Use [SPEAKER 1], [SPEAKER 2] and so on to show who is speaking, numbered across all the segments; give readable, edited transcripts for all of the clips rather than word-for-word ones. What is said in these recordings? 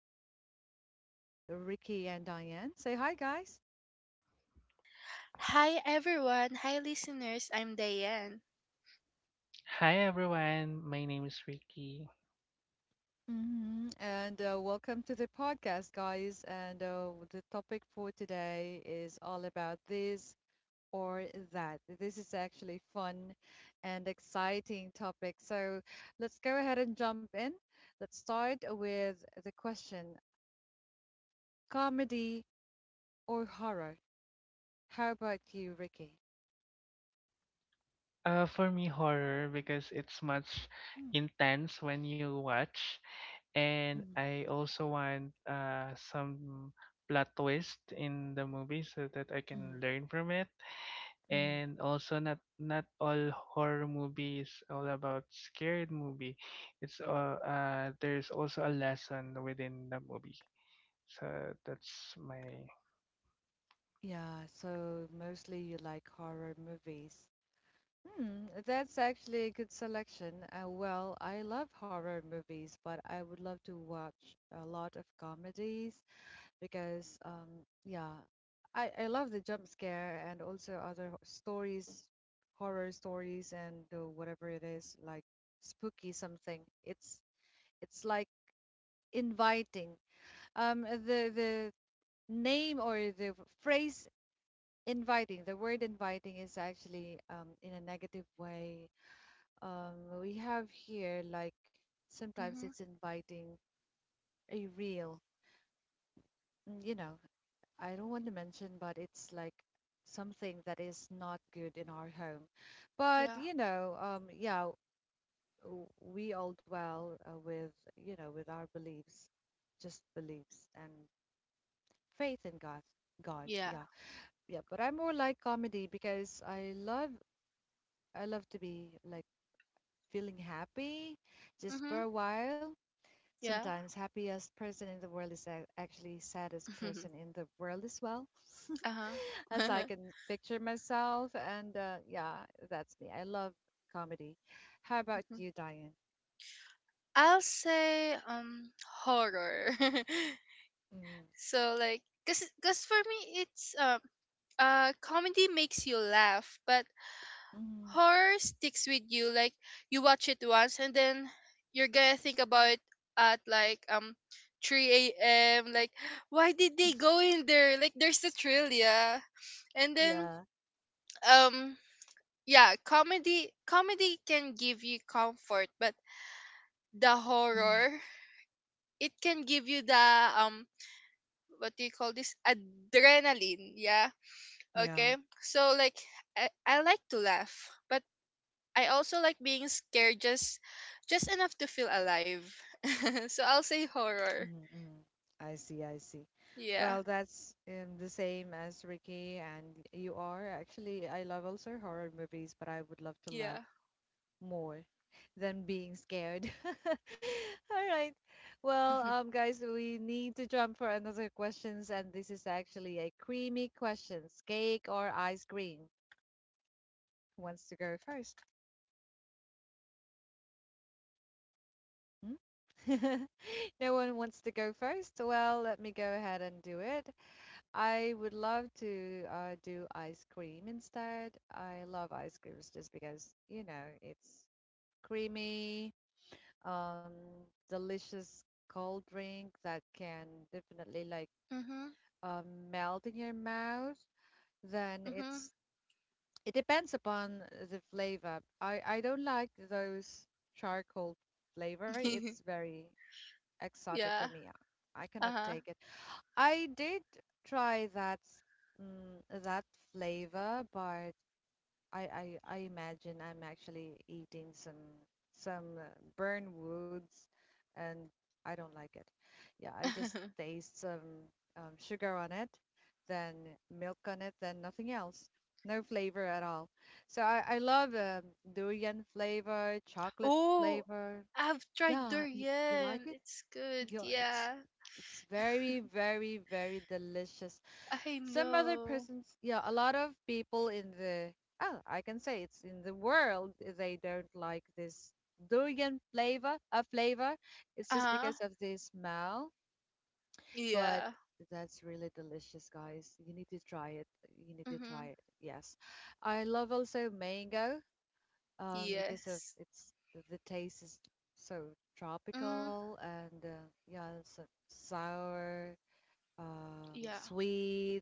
[SPEAKER 1] I have here with Ricky and Diane. Say hi, guys.
[SPEAKER 2] Hi everyone. Hi listeners. I'm Diane.
[SPEAKER 3] Hi everyone, my name is Ricky.
[SPEAKER 1] Hmm And Welcome to the podcast, guys. And The topic for today is all about this or that. This is actually fun and exciting topic. So let's go ahead and jump in. Let's start with the question: comedy or horror? How about you, Ricky?
[SPEAKER 3] For me, horror because it's much intense when you watch, and I also want some plot twist in the movie so that I can learn from it.
[SPEAKER 1] Mm-hmm.
[SPEAKER 3] And also, not all horror movie is all about scared movie. It's there's also a lesson within the movie. So that's my.
[SPEAKER 1] Yeah, so mostly you like horror movies. Hmm, that's actually a good selection. Well, I love horror movies, but I would love to watch a lot of comedies because, yeah, I love the jump scare and also other stories, horror stories and whatever it is, like spooky something. It's like inviting. The name or the phrase inviting, the word inviting is actually in a negative way. We have here like sometimes
[SPEAKER 2] Mhm.
[SPEAKER 1] it's inviting a real, you know, I don't want to mention, but it's like something that is not good in our home. But
[SPEAKER 2] Yeah.
[SPEAKER 1] you know, yeah, we all dwell with, you know, with our beliefs, just beliefs and faith in God.
[SPEAKER 2] Yeah.
[SPEAKER 1] Yeah, yeah, but I'm more like comedy because I love I love to be like feeling happy just for
[SPEAKER 2] Mhm.
[SPEAKER 1] a while.
[SPEAKER 2] Yeah.
[SPEAKER 1] Sometimes happiest person in the world is actually saddest person in the world as well.
[SPEAKER 2] Uh-huh.
[SPEAKER 1] As I can picture myself and yeah, that's me. I love comedy. How about
[SPEAKER 2] Mhm.
[SPEAKER 1] you, Diane?
[SPEAKER 2] I'll say horror.
[SPEAKER 1] Mm,
[SPEAKER 2] So like cuz for me it's comedy makes you laugh, but
[SPEAKER 1] mm,
[SPEAKER 2] horror sticks with you. Like you watch it once and then you're going to think about it at like 3 a.m. Like why did they go in there? Like there's the thrill, yeah. And then
[SPEAKER 1] yeah.
[SPEAKER 2] um yeah, comedy can give you comfort, but the
[SPEAKER 1] Mm.
[SPEAKER 2] horror, it can give you the um what do you call this, adrenaline, yeah.
[SPEAKER 1] Yeah.
[SPEAKER 2] Okay? So like I like to laugh, but I also like being scared just enough to feel alive. So I'll say horror.
[SPEAKER 1] Mm-hmm. I see, I see.
[SPEAKER 2] Yeah.
[SPEAKER 1] Well, that's the same as Ricky, and you are. Actually, I love also horror movies, but I would love to laugh
[SPEAKER 2] Yeah.
[SPEAKER 1] more than being scared. All right. Well,
[SPEAKER 2] Mhm.
[SPEAKER 1] guys, we need to jump for another questions, and this is actually a creamy questions: cake or ice cream? Who wants to go first? Hmm? No one wants to go first. Well, let me go ahead and do it. I would love to do ice cream instead. I love ice creams just because, you know, it's creamy, um, delicious cold drink that can definitely like
[SPEAKER 2] Mhm.
[SPEAKER 1] um, melt in your mouth, then it's
[SPEAKER 2] Mhm.
[SPEAKER 1] it depends upon the flavor. I don't like those charcoal flavor. It's very exotic for
[SPEAKER 2] Yeah.
[SPEAKER 1] me. I cannot
[SPEAKER 2] Uh-huh.
[SPEAKER 1] take it. I did try that flavor, but I imagine I'm actually eating some burn woods, and I don't like it. Yeah, I just taste some sugar on it, then milk on it, then nothing else. No flavor at all. So I love durian flavor, chocolate
[SPEAKER 2] Oh,
[SPEAKER 1] flavor.
[SPEAKER 2] I've tried
[SPEAKER 1] Yeah, you like
[SPEAKER 2] durian.
[SPEAKER 1] it?
[SPEAKER 2] It's good.
[SPEAKER 1] Yeah, it's
[SPEAKER 2] Yeah,
[SPEAKER 1] it's very delicious.
[SPEAKER 2] I
[SPEAKER 1] Some other
[SPEAKER 2] know.
[SPEAKER 1] persons, yeah, a lot of people in the, oh, I can say it's in the world, eh, they don't like this durian flavor, a flavor. It's
[SPEAKER 2] Uh
[SPEAKER 1] just because
[SPEAKER 2] huh.
[SPEAKER 1] of the smell. But
[SPEAKER 2] Yeah.
[SPEAKER 1] that's really delicious, guys, you need to try it, you need to try
[SPEAKER 2] Mhm.
[SPEAKER 1] it, yes. I love also mango because of
[SPEAKER 2] Yes.
[SPEAKER 1] it's the taste is so
[SPEAKER 2] Mm.
[SPEAKER 1] tropical and yeah, so sour,
[SPEAKER 2] Yeah.
[SPEAKER 1] sweet,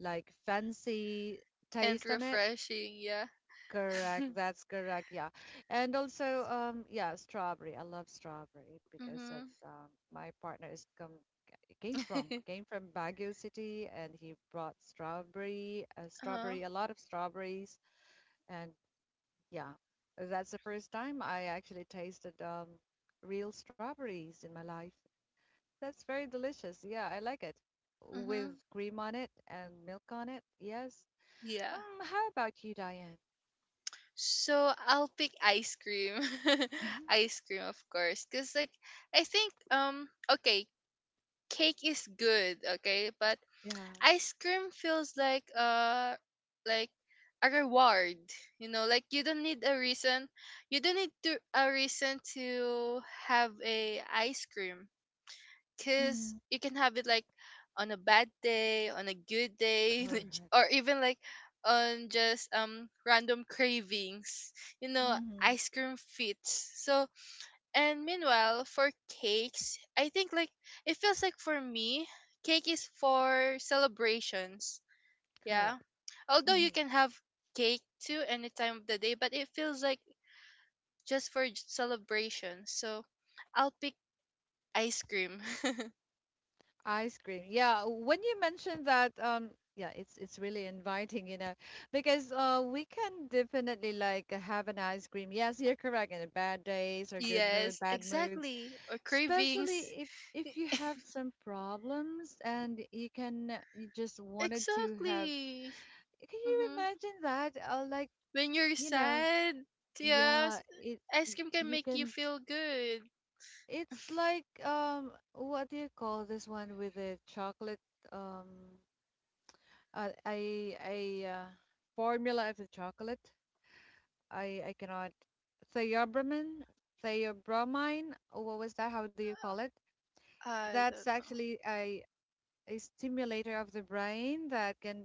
[SPEAKER 1] like fancy
[SPEAKER 2] And
[SPEAKER 1] taste on it.
[SPEAKER 2] refreshing. Yeah.
[SPEAKER 1] Correct, that's correct. Yeah. And also, yeah, strawberry. I love strawberry because of,
[SPEAKER 2] Mhm.
[SPEAKER 1] my partner is come came from Baguio City, and he brought strawberry,
[SPEAKER 2] Uh.
[SPEAKER 1] strawberry, a lot of strawberries, and yeah. That's the first time I actually tasted real strawberries in my life. That's very delicious. Yeah, I like it with
[SPEAKER 2] Mhm.
[SPEAKER 1] cream on it and milk on it. Yes.
[SPEAKER 2] Yeah.
[SPEAKER 1] How about you, Diane?
[SPEAKER 2] So I'll pick ice cream.
[SPEAKER 1] Mhm.
[SPEAKER 2] Ice cream, of course, cause like I think okay, cake is good. Okay, but
[SPEAKER 1] Yeah.
[SPEAKER 2] ice cream feels like a reward, you know, like you don't need a reason, you don't need to a reason to have a ice cream, because
[SPEAKER 1] Mm-hmm.
[SPEAKER 2] you can have it like on a bad day, on a good day,
[SPEAKER 1] Correct.
[SPEAKER 2] or even like on just random cravings, you know,
[SPEAKER 1] Mm-hmm.
[SPEAKER 2] ice cream fits. So and meanwhile for cakes, I think like it feels like for me cake is for celebrations, yeah.
[SPEAKER 1] Correct.
[SPEAKER 2] Although you
[SPEAKER 1] Mhm.
[SPEAKER 2] can have cake too any time of the day, but it feels like just for celebration. So I'll pick ice cream.
[SPEAKER 1] Ice cream. Yeah, when you mentioned that, yeah, it's really inviting, you know, because we can definitely like have an ice cream. Yes, you're correct. In the bad days or good mood,
[SPEAKER 2] Yes,
[SPEAKER 1] bad moods,
[SPEAKER 2] exactly. Or
[SPEAKER 1] especially
[SPEAKER 2] cravings.
[SPEAKER 1] if you have some problems and you can you just wanted to have.
[SPEAKER 2] Exactly.
[SPEAKER 1] Can you
[SPEAKER 2] Mm-hmm.
[SPEAKER 1] imagine that? Like,
[SPEAKER 2] When you're
[SPEAKER 1] you know,
[SPEAKER 2] sad,
[SPEAKER 1] yeah,
[SPEAKER 2] yes,
[SPEAKER 1] it, y-
[SPEAKER 2] ice cream can
[SPEAKER 1] you
[SPEAKER 2] make you
[SPEAKER 1] can,
[SPEAKER 2] feel good.
[SPEAKER 1] it's like, what do you call this one, with the chocolate, um a a, a formula of the chocolate? I cannot, theobromine, theobromine, or what was that? How do you call it?
[SPEAKER 2] I
[SPEAKER 1] That's
[SPEAKER 2] don't know.
[SPEAKER 1] actually a stimulator of the brain that can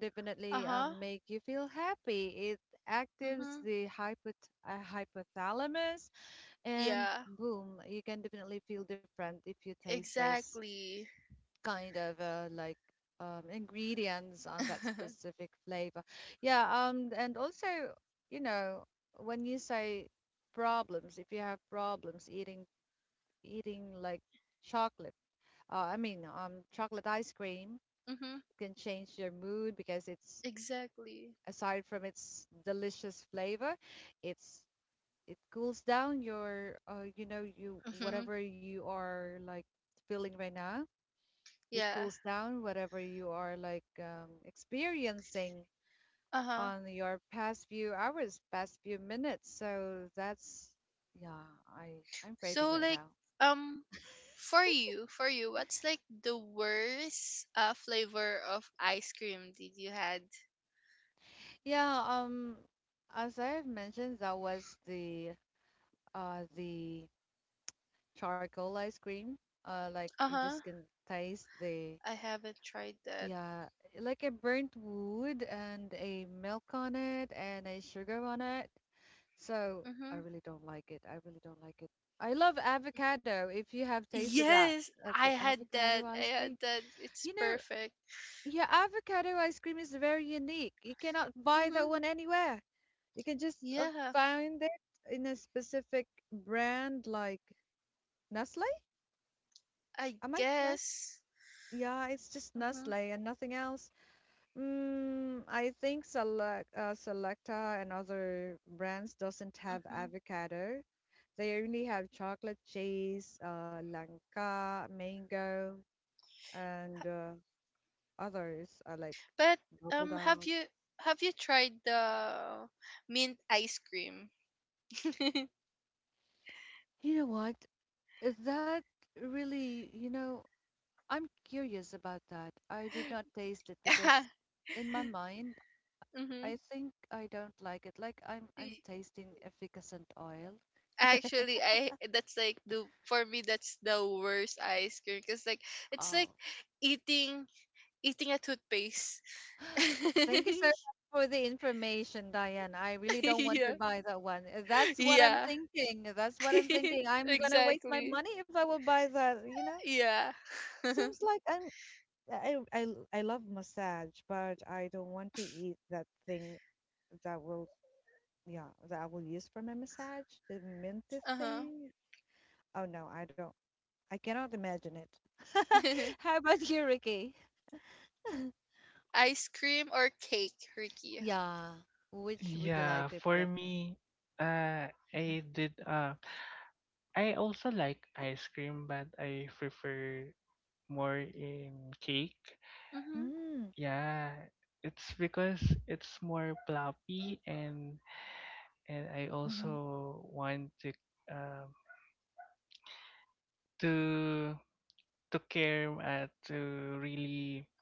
[SPEAKER 2] Uh
[SPEAKER 1] definitely
[SPEAKER 2] huh.
[SPEAKER 1] make you feel happy. It actives
[SPEAKER 2] Mm-hmm.
[SPEAKER 1] the hypothalamus, and
[SPEAKER 2] Yeah,
[SPEAKER 1] boom, you can definitely feel different if you taste those
[SPEAKER 2] exactly.
[SPEAKER 1] kind of like ingredients on that
[SPEAKER 2] Mm-hmm.
[SPEAKER 1] specific flavor. Yeah, and also, you know, when you say problems, if you have problems eating like chocolate, I mean, chocolate ice cream can change your mood because it's,
[SPEAKER 2] Exactly.
[SPEAKER 1] aside from its delicious flavor, it's, it cools down your, you know, you,
[SPEAKER 2] Mm-hmm.
[SPEAKER 1] whatever you are like feeling right now, it
[SPEAKER 2] Yeah.
[SPEAKER 1] cools down whatever you are like experiencing
[SPEAKER 2] Uh huh.
[SPEAKER 1] on your past few hours, past few minutes. So that's, yeah, I I'm craving
[SPEAKER 2] So
[SPEAKER 1] right
[SPEAKER 2] like
[SPEAKER 1] now.
[SPEAKER 2] um for you, what's like the worst flavor of ice cream did you had?
[SPEAKER 1] Yeah, as I have mentioned, that was the charcoal ice cream. Like, you just
[SPEAKER 2] Uh-huh.
[SPEAKER 1] can taste the,
[SPEAKER 2] I haven't tried that.
[SPEAKER 1] yeah, like I burnt wood and a milk on it and a sugar on it. So I
[SPEAKER 2] Mm-hmm.
[SPEAKER 1] really don't like it. I really don't like it. I love avocado. If you have tasted that,
[SPEAKER 2] Yes,
[SPEAKER 1] of
[SPEAKER 2] I
[SPEAKER 1] the
[SPEAKER 2] had
[SPEAKER 1] avocado
[SPEAKER 2] that. I
[SPEAKER 1] ice
[SPEAKER 2] had
[SPEAKER 1] cream.
[SPEAKER 2] that. It's
[SPEAKER 1] You know,
[SPEAKER 2] perfect.
[SPEAKER 1] yeah, avocado ice cream is very unique. You cannot buy that
[SPEAKER 2] Mm-hmm.
[SPEAKER 1] one anywhere. You can just
[SPEAKER 2] Yeah,
[SPEAKER 1] find it in a specific brand like Nestle.
[SPEAKER 2] I
[SPEAKER 1] Am I correct?
[SPEAKER 2] guess.
[SPEAKER 1] Yeah, it's just Nestle
[SPEAKER 2] Mm-hmm.
[SPEAKER 1] and nothing else. Mm, I think Select, Selecta and other brands doesn't have
[SPEAKER 2] Mm-hmm.
[SPEAKER 1] avocado. They only have chocolate cheese, langka, mango, and others, like
[SPEAKER 2] But
[SPEAKER 1] bubble
[SPEAKER 2] um have
[SPEAKER 1] out.
[SPEAKER 2] you have you tried the mint ice cream?
[SPEAKER 1] You know what? Is that really, you know, I'm curious about that. I did not taste it because in my mind,
[SPEAKER 2] Mm-hmm.
[SPEAKER 1] I think I don't like it. Like I'm tasting efficacent oil.
[SPEAKER 2] Actually, I that's like the for me that's the worst ice cream, because like it's like
[SPEAKER 1] Oh.
[SPEAKER 2] eating eating a toothpaste.
[SPEAKER 1] Thank you so much for the information, Diane. I really don't want to
[SPEAKER 2] Yeah,
[SPEAKER 1] buy that one. That's what I'm
[SPEAKER 2] yeah,
[SPEAKER 1] thinking. That's what I'm thinking. I'm gonna waste my
[SPEAKER 2] exactly.
[SPEAKER 1] money if I will buy that, you know?
[SPEAKER 2] Yeah. Uh
[SPEAKER 1] Seems like I'm I I I I I love massage, but I don't want to eat that thing that will, yeah, that I will use for my massage, the minty
[SPEAKER 2] huh.
[SPEAKER 1] thing. Oh no, I don't. I cannot imagine it. How about you, Ricky?
[SPEAKER 2] Ice cream or cake, Ricky?
[SPEAKER 1] Yeah. Which would
[SPEAKER 3] Yeah,
[SPEAKER 1] you like
[SPEAKER 3] for
[SPEAKER 1] to
[SPEAKER 3] me,
[SPEAKER 1] prefer?
[SPEAKER 3] I did. I also like ice cream, but I prefer more in cake.
[SPEAKER 2] Mm-hmm.
[SPEAKER 1] Mm-hmm.
[SPEAKER 3] Yeah, it's because it's more floppy, and I
[SPEAKER 1] Mm-hmm.
[SPEAKER 3] also want to um to to care to really.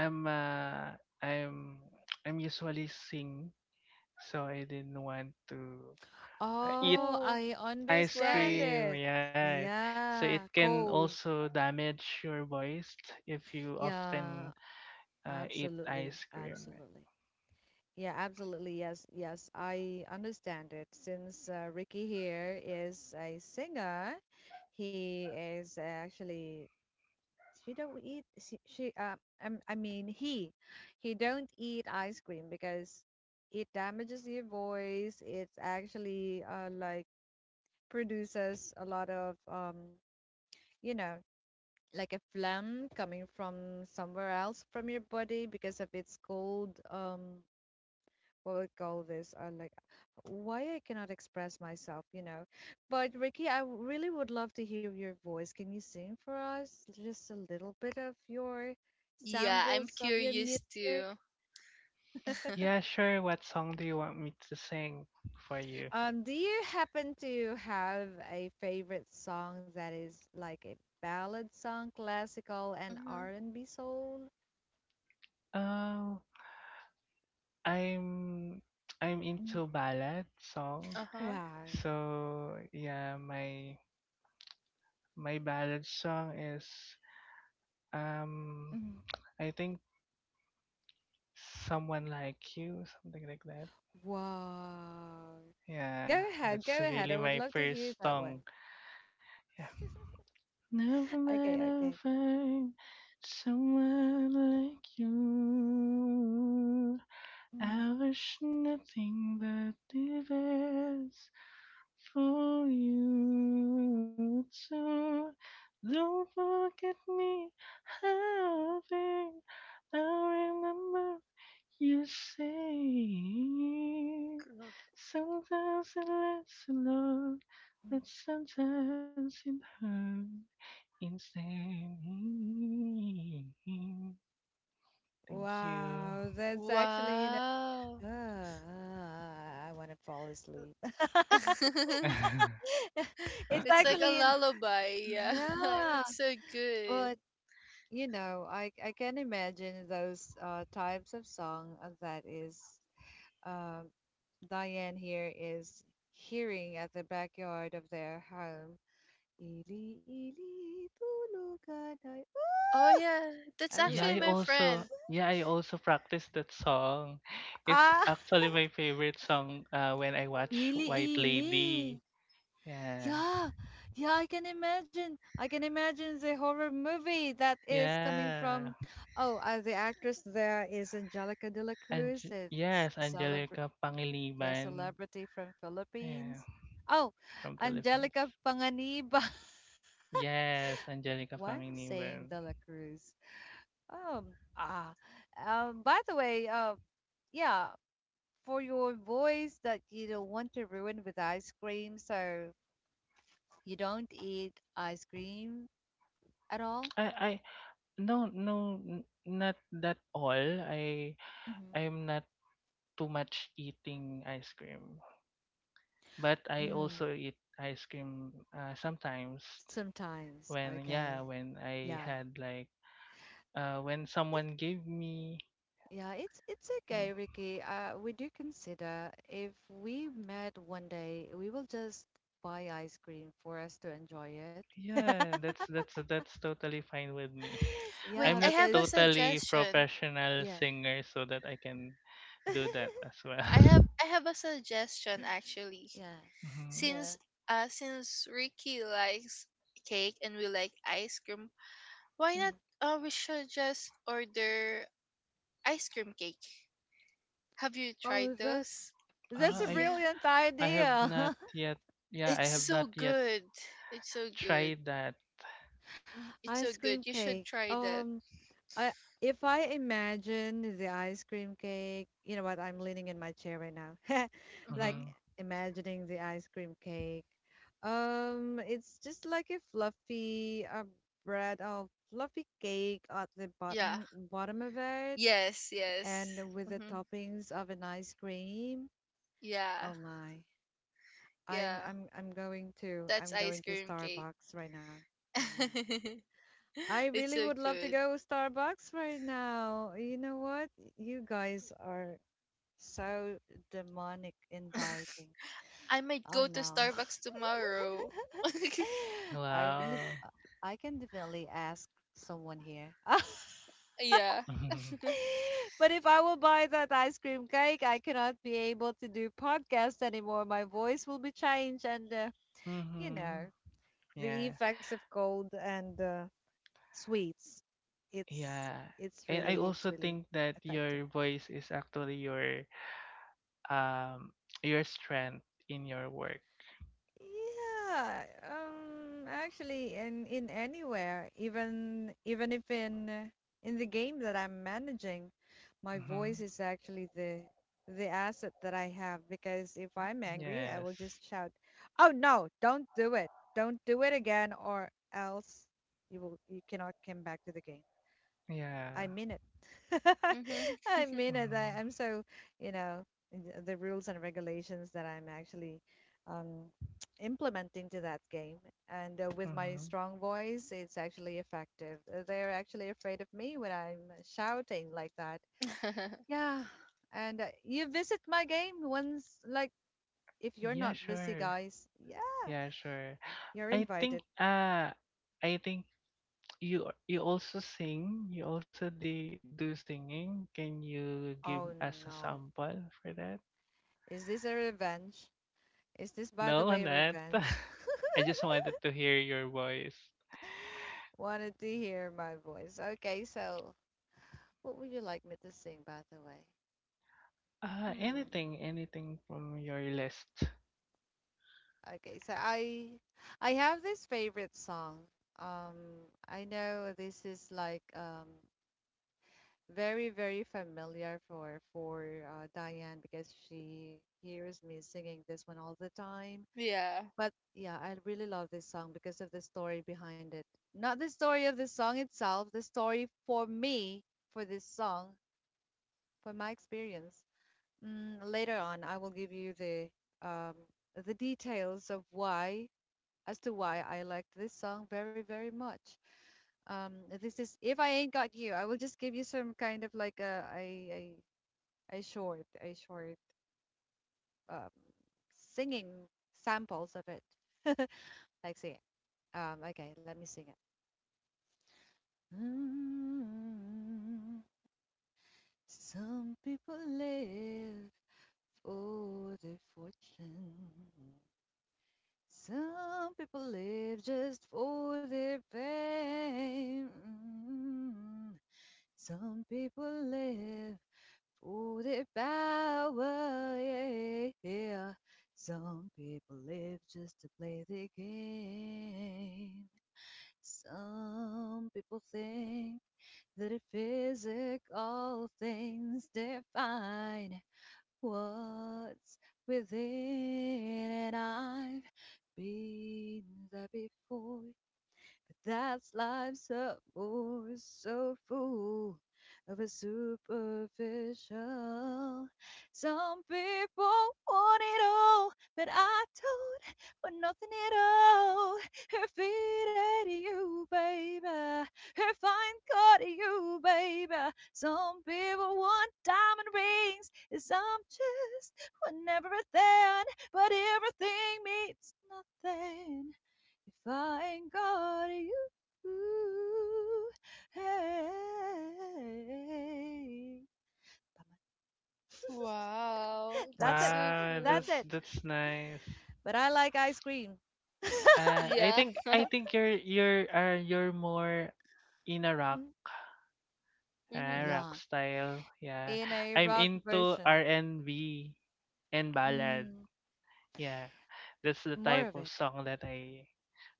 [SPEAKER 3] I'm uh I'm I'm usually sing, so I didn't want to eat
[SPEAKER 1] Oh,
[SPEAKER 2] Oh,
[SPEAKER 1] I
[SPEAKER 3] ice
[SPEAKER 1] understand
[SPEAKER 2] right.
[SPEAKER 3] cream,
[SPEAKER 1] it.
[SPEAKER 3] yeah. So it
[SPEAKER 1] Yeah,
[SPEAKER 3] can
[SPEAKER 1] cold.
[SPEAKER 3] also damage your voice if you
[SPEAKER 1] Yeah,
[SPEAKER 3] often eat
[SPEAKER 1] absolutely.
[SPEAKER 3] ice cream.
[SPEAKER 1] Absolutely. Yeah, absolutely. Yes, yes, I understand it. Since Ricky here is a singer, he is actually, she don't eat she I mean he, don't eat ice cream because it damages your voice. It actually, like, produces a lot of you know, like a phlegm coming from somewhere else from your body because of its cold, what we call this, like why I cannot express myself, you know. But Ricky, I really would love to hear your voice. Can you sing for us just a little bit of your
[SPEAKER 2] Yeah, I'm
[SPEAKER 1] samples of your music?
[SPEAKER 2] curious too.
[SPEAKER 3] Yeah, sure. What song do you want me to sing for you?
[SPEAKER 1] Do you happen to have a favorite song that is like a ballad song, classical and
[SPEAKER 2] Mm-hmm.
[SPEAKER 1] R&B soul?
[SPEAKER 3] Oh, I'm I'm
[SPEAKER 1] Mm.
[SPEAKER 3] into ballad song.
[SPEAKER 2] Uh huh.
[SPEAKER 1] Wow.
[SPEAKER 3] So yeah, my ballad song is um. I think someone like you, something like that.
[SPEAKER 1] Wow.
[SPEAKER 3] Yeah,
[SPEAKER 1] Go ahead, go
[SPEAKER 3] that's
[SPEAKER 1] ahead.
[SPEAKER 3] really
[SPEAKER 1] I would
[SPEAKER 3] my
[SPEAKER 1] love to hear
[SPEAKER 3] first
[SPEAKER 1] that one.
[SPEAKER 3] song. Yeah. Never might
[SPEAKER 1] Okay,
[SPEAKER 3] I
[SPEAKER 1] okay.
[SPEAKER 3] find someone like you.
[SPEAKER 1] Mm.
[SPEAKER 3] I wish nothing but the best for you too. Don't forget me, having I will remember you say. Sometimes it lasts a lot, but sometimes it hurts. Insane. Thank you.
[SPEAKER 1] Wow, that's actually, you know,
[SPEAKER 2] Wow.
[SPEAKER 1] I want to fall asleep. It's
[SPEAKER 2] It's like a
[SPEAKER 1] actually, in-
[SPEAKER 2] lullaby. Yeah.
[SPEAKER 1] yeah,
[SPEAKER 2] It's so good.
[SPEAKER 1] but you know, I can imagine those types of song that is um Diane here is hearing at the backyard of their home. Ili-ili tulugan ay.
[SPEAKER 2] Oh yeah, that's
[SPEAKER 1] I don't
[SPEAKER 3] Yeah,
[SPEAKER 2] actually
[SPEAKER 3] I
[SPEAKER 1] like it.
[SPEAKER 2] my
[SPEAKER 3] also,
[SPEAKER 2] friend.
[SPEAKER 3] yeah, I also practice that song. It's
[SPEAKER 1] Ah.
[SPEAKER 3] actually my favorite song when I watch White
[SPEAKER 1] Ili-ili.
[SPEAKER 3] Lady. Yeah.
[SPEAKER 1] Yeah. Yeah, I can imagine. I can imagine the horror movie that is coming
[SPEAKER 3] Yeah.
[SPEAKER 1] from, oh, the actress there is Angelica de
[SPEAKER 3] And
[SPEAKER 1] la Cruz.
[SPEAKER 3] yes,
[SPEAKER 1] It's a
[SPEAKER 3] Angelica
[SPEAKER 1] celebr,
[SPEAKER 3] Pangiliban.
[SPEAKER 1] yeah, celebrity from
[SPEAKER 3] Yeah,
[SPEAKER 1] Philippines. Oh,
[SPEAKER 3] from Philippines.
[SPEAKER 1] Angelica Panganiba.
[SPEAKER 3] Yes, Angelica
[SPEAKER 1] Why am I
[SPEAKER 3] Pangiliban.
[SPEAKER 1] saying de la Cruz? Ah. By the way, yeah, for your voice that you don't want to ruin with ice cream, so you don't eat ice cream at all?
[SPEAKER 3] I No, no, not that all. I
[SPEAKER 1] Hmm.
[SPEAKER 3] I'm not too much eating ice cream. But I
[SPEAKER 1] Mm,
[SPEAKER 3] also eat ice cream sometimes
[SPEAKER 1] sometimes.
[SPEAKER 3] when
[SPEAKER 1] Okay.
[SPEAKER 3] yeah when I
[SPEAKER 1] Yeah.
[SPEAKER 3] had like when
[SPEAKER 1] Eh,
[SPEAKER 3] someone gave me.
[SPEAKER 1] yeah, it's
[SPEAKER 3] Yeah,
[SPEAKER 1] okay, Ricky. We do consider if we met one day, we will just buy ice cream for us to enjoy it.
[SPEAKER 3] yeah, that's totally fine with me.
[SPEAKER 2] Wait,
[SPEAKER 1] Yeah,
[SPEAKER 3] I'm
[SPEAKER 2] I
[SPEAKER 3] not
[SPEAKER 2] have a
[SPEAKER 1] because
[SPEAKER 3] totally
[SPEAKER 2] suggestion.
[SPEAKER 3] professional
[SPEAKER 1] yeah.
[SPEAKER 3] singer so that I can do that as well.
[SPEAKER 2] I have I have a suggestion actually.
[SPEAKER 1] Yeah.
[SPEAKER 3] Hmm.
[SPEAKER 1] Yeah.
[SPEAKER 2] Since since Ricky likes cake and we like ice cream, why not
[SPEAKER 1] Hmm.
[SPEAKER 2] we should just order ice cream cake. Have you tried
[SPEAKER 1] Oh,
[SPEAKER 2] those?
[SPEAKER 1] that's
[SPEAKER 3] uh,
[SPEAKER 1] a
[SPEAKER 3] I
[SPEAKER 2] Yeah.
[SPEAKER 1] brilliant
[SPEAKER 3] I have
[SPEAKER 1] idea.
[SPEAKER 3] not yet, yeah
[SPEAKER 2] It's
[SPEAKER 3] I have
[SPEAKER 2] so
[SPEAKER 3] not yet
[SPEAKER 2] good. It's so good.
[SPEAKER 3] tried that.
[SPEAKER 2] Mm, it's
[SPEAKER 1] Ice
[SPEAKER 2] so
[SPEAKER 1] cream
[SPEAKER 2] good. You
[SPEAKER 1] cake.
[SPEAKER 2] should try that.
[SPEAKER 1] I, if I imagine the ice cream cake, you know what? I'm leaning in my chair right now, like
[SPEAKER 2] Mhm.
[SPEAKER 3] Hmm.
[SPEAKER 1] imagining the ice cream cake. It's just like a fluffy bread of fluffy cake at the
[SPEAKER 2] Yeah.
[SPEAKER 1] bottom of it,
[SPEAKER 2] Yes, yes.
[SPEAKER 1] and with the
[SPEAKER 2] Hmm.
[SPEAKER 1] toppings of an ice cream.
[SPEAKER 2] Yeah,
[SPEAKER 1] Oh my!
[SPEAKER 2] yeah. That's
[SPEAKER 1] I'm
[SPEAKER 2] ice
[SPEAKER 1] going to
[SPEAKER 2] cream cake.
[SPEAKER 1] Starbucks right now. Oh my! I
[SPEAKER 2] It's
[SPEAKER 1] really
[SPEAKER 2] so
[SPEAKER 1] would love to
[SPEAKER 2] good.
[SPEAKER 1] go Starbucks right now. You know what? You guys are so demonic inviting.
[SPEAKER 2] I might
[SPEAKER 1] Oh
[SPEAKER 2] go to
[SPEAKER 1] no.
[SPEAKER 2] Starbucks tomorrow.
[SPEAKER 1] I really
[SPEAKER 3] Wow.
[SPEAKER 1] I can definitely ask someone here.
[SPEAKER 2] Yeah.
[SPEAKER 1] But if I will buy that ice cream cake, I cannot be able to do podcast anymore. My voice will be changed and you
[SPEAKER 3] Hmm.
[SPEAKER 1] know, the
[SPEAKER 3] Yeah,
[SPEAKER 1] effects of cold and sweets. It's
[SPEAKER 3] yeah.
[SPEAKER 1] it's
[SPEAKER 3] And I
[SPEAKER 1] really
[SPEAKER 3] also think that your
[SPEAKER 1] affecting.
[SPEAKER 3] voice is actually um your strength in your work.
[SPEAKER 1] Yeah, actually, in anywhere, even if in the game that I'm managing, my
[SPEAKER 3] Mm-hmm.
[SPEAKER 1] voice is actually the asset that I have because if I'm angry, I
[SPEAKER 3] Yes.
[SPEAKER 1] will just shout, "Oh no, don't do it. Don't do it again, or else you cannot come back to the game."
[SPEAKER 3] Yeah.
[SPEAKER 1] I mean it.
[SPEAKER 2] Hmm.
[SPEAKER 1] I mean it. I,
[SPEAKER 3] Mm-hmm.
[SPEAKER 1] I'm so, you know, the rules and regulations that I'm actually um, implementing to that game. And with my
[SPEAKER 3] Mm-hmm.
[SPEAKER 1] strong voice, it's actually effective. They're actually afraid of me when I'm shouting like that. Yeah. And You visit my game once, like, if you're not
[SPEAKER 3] Yeah,
[SPEAKER 1] busy,
[SPEAKER 3] sure.
[SPEAKER 1] guys, yeah,
[SPEAKER 3] Yeah, sure.
[SPEAKER 1] you're
[SPEAKER 3] I think
[SPEAKER 1] invited.
[SPEAKER 3] uh I think you also sing, you also do singing. Can you give
[SPEAKER 1] Oh
[SPEAKER 3] us a
[SPEAKER 1] no.
[SPEAKER 3] sample for that?
[SPEAKER 1] Is this a revenge? Is this, by the
[SPEAKER 3] No,
[SPEAKER 1] way, a
[SPEAKER 3] not.
[SPEAKER 1] revenge?
[SPEAKER 3] I just wanted to hear your voice.
[SPEAKER 1] Wanted to hear my voice. Okay, so what would you like me to sing, by the way? Hmm.
[SPEAKER 3] Anything, anything from your list.
[SPEAKER 1] Okay, so I have this favorite song. Um, I know this is like very familiar for Diane because she hears me singing this one all the time.
[SPEAKER 2] Yeah.
[SPEAKER 1] But yeah, I really love this song because of the story behind it. Not the story of the song itself, the story for me for this song, for my experience. Mm, later on, I will give you um, the details of why, as to why I liked this song very, very much. Um, this is "If I Ain't Got You." I will just give you some kind of like a, a short um, singing samples of it. Like say, okay, let me sing it. Mm, some people live for their fortune. Some people live just for their fame. Mm. Some people live for their power. Yeah, yeah. Some people live just to play the game. Some people think that if physical things define what's within, and I been there before. But that's life's up more so full of a superficial. Some people want it all, but I don't want nothing at all. Her feet at you, baby. Her fine cut you, baby. Some people want diamond rings, 'cause I'm just want everything, but everything means nothing. If I ain't got you, hey.
[SPEAKER 2] Wow,
[SPEAKER 1] That's
[SPEAKER 2] that's
[SPEAKER 1] it.
[SPEAKER 2] so
[SPEAKER 3] Wow,
[SPEAKER 1] That's
[SPEAKER 2] good.
[SPEAKER 1] it.
[SPEAKER 3] that's nice.
[SPEAKER 1] But I like ice cream.
[SPEAKER 3] Uh, I
[SPEAKER 2] Yeah.
[SPEAKER 3] think I think you're more in a rock,
[SPEAKER 1] Mm.
[SPEAKER 2] Mhm.
[SPEAKER 3] rock
[SPEAKER 1] Yeah,
[SPEAKER 3] style. Yeah,
[SPEAKER 1] in a
[SPEAKER 3] I'm
[SPEAKER 1] rock
[SPEAKER 3] into
[SPEAKER 1] version.
[SPEAKER 3] R&B and B and ballad.
[SPEAKER 1] Mm,
[SPEAKER 3] Yeah, that's the
[SPEAKER 1] more
[SPEAKER 3] type
[SPEAKER 1] of
[SPEAKER 3] of
[SPEAKER 1] it.
[SPEAKER 3] song that I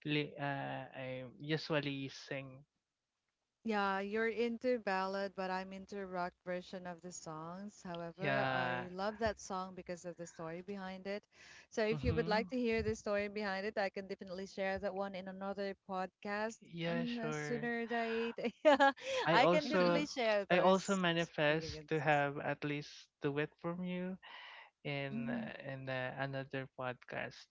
[SPEAKER 3] li- uh, I usually sing.
[SPEAKER 1] Yeah, you're into ballad, but I'm into rock version of the songs. However,
[SPEAKER 3] Yeah.
[SPEAKER 1] I love that song because of the story behind it. So if you would like
[SPEAKER 3] Mhm.
[SPEAKER 1] to hear the story behind it, I can definitely share that one in another podcast
[SPEAKER 3] Yeah,
[SPEAKER 1] on a
[SPEAKER 3] sure.
[SPEAKER 1] sooner date. Yeah,
[SPEAKER 3] I
[SPEAKER 1] I can
[SPEAKER 3] also
[SPEAKER 1] definitely
[SPEAKER 2] Mhm.
[SPEAKER 1] share
[SPEAKER 3] I also
[SPEAKER 1] those
[SPEAKER 3] manifest to
[SPEAKER 1] experiences.
[SPEAKER 3] have at least do it from you in another podcast.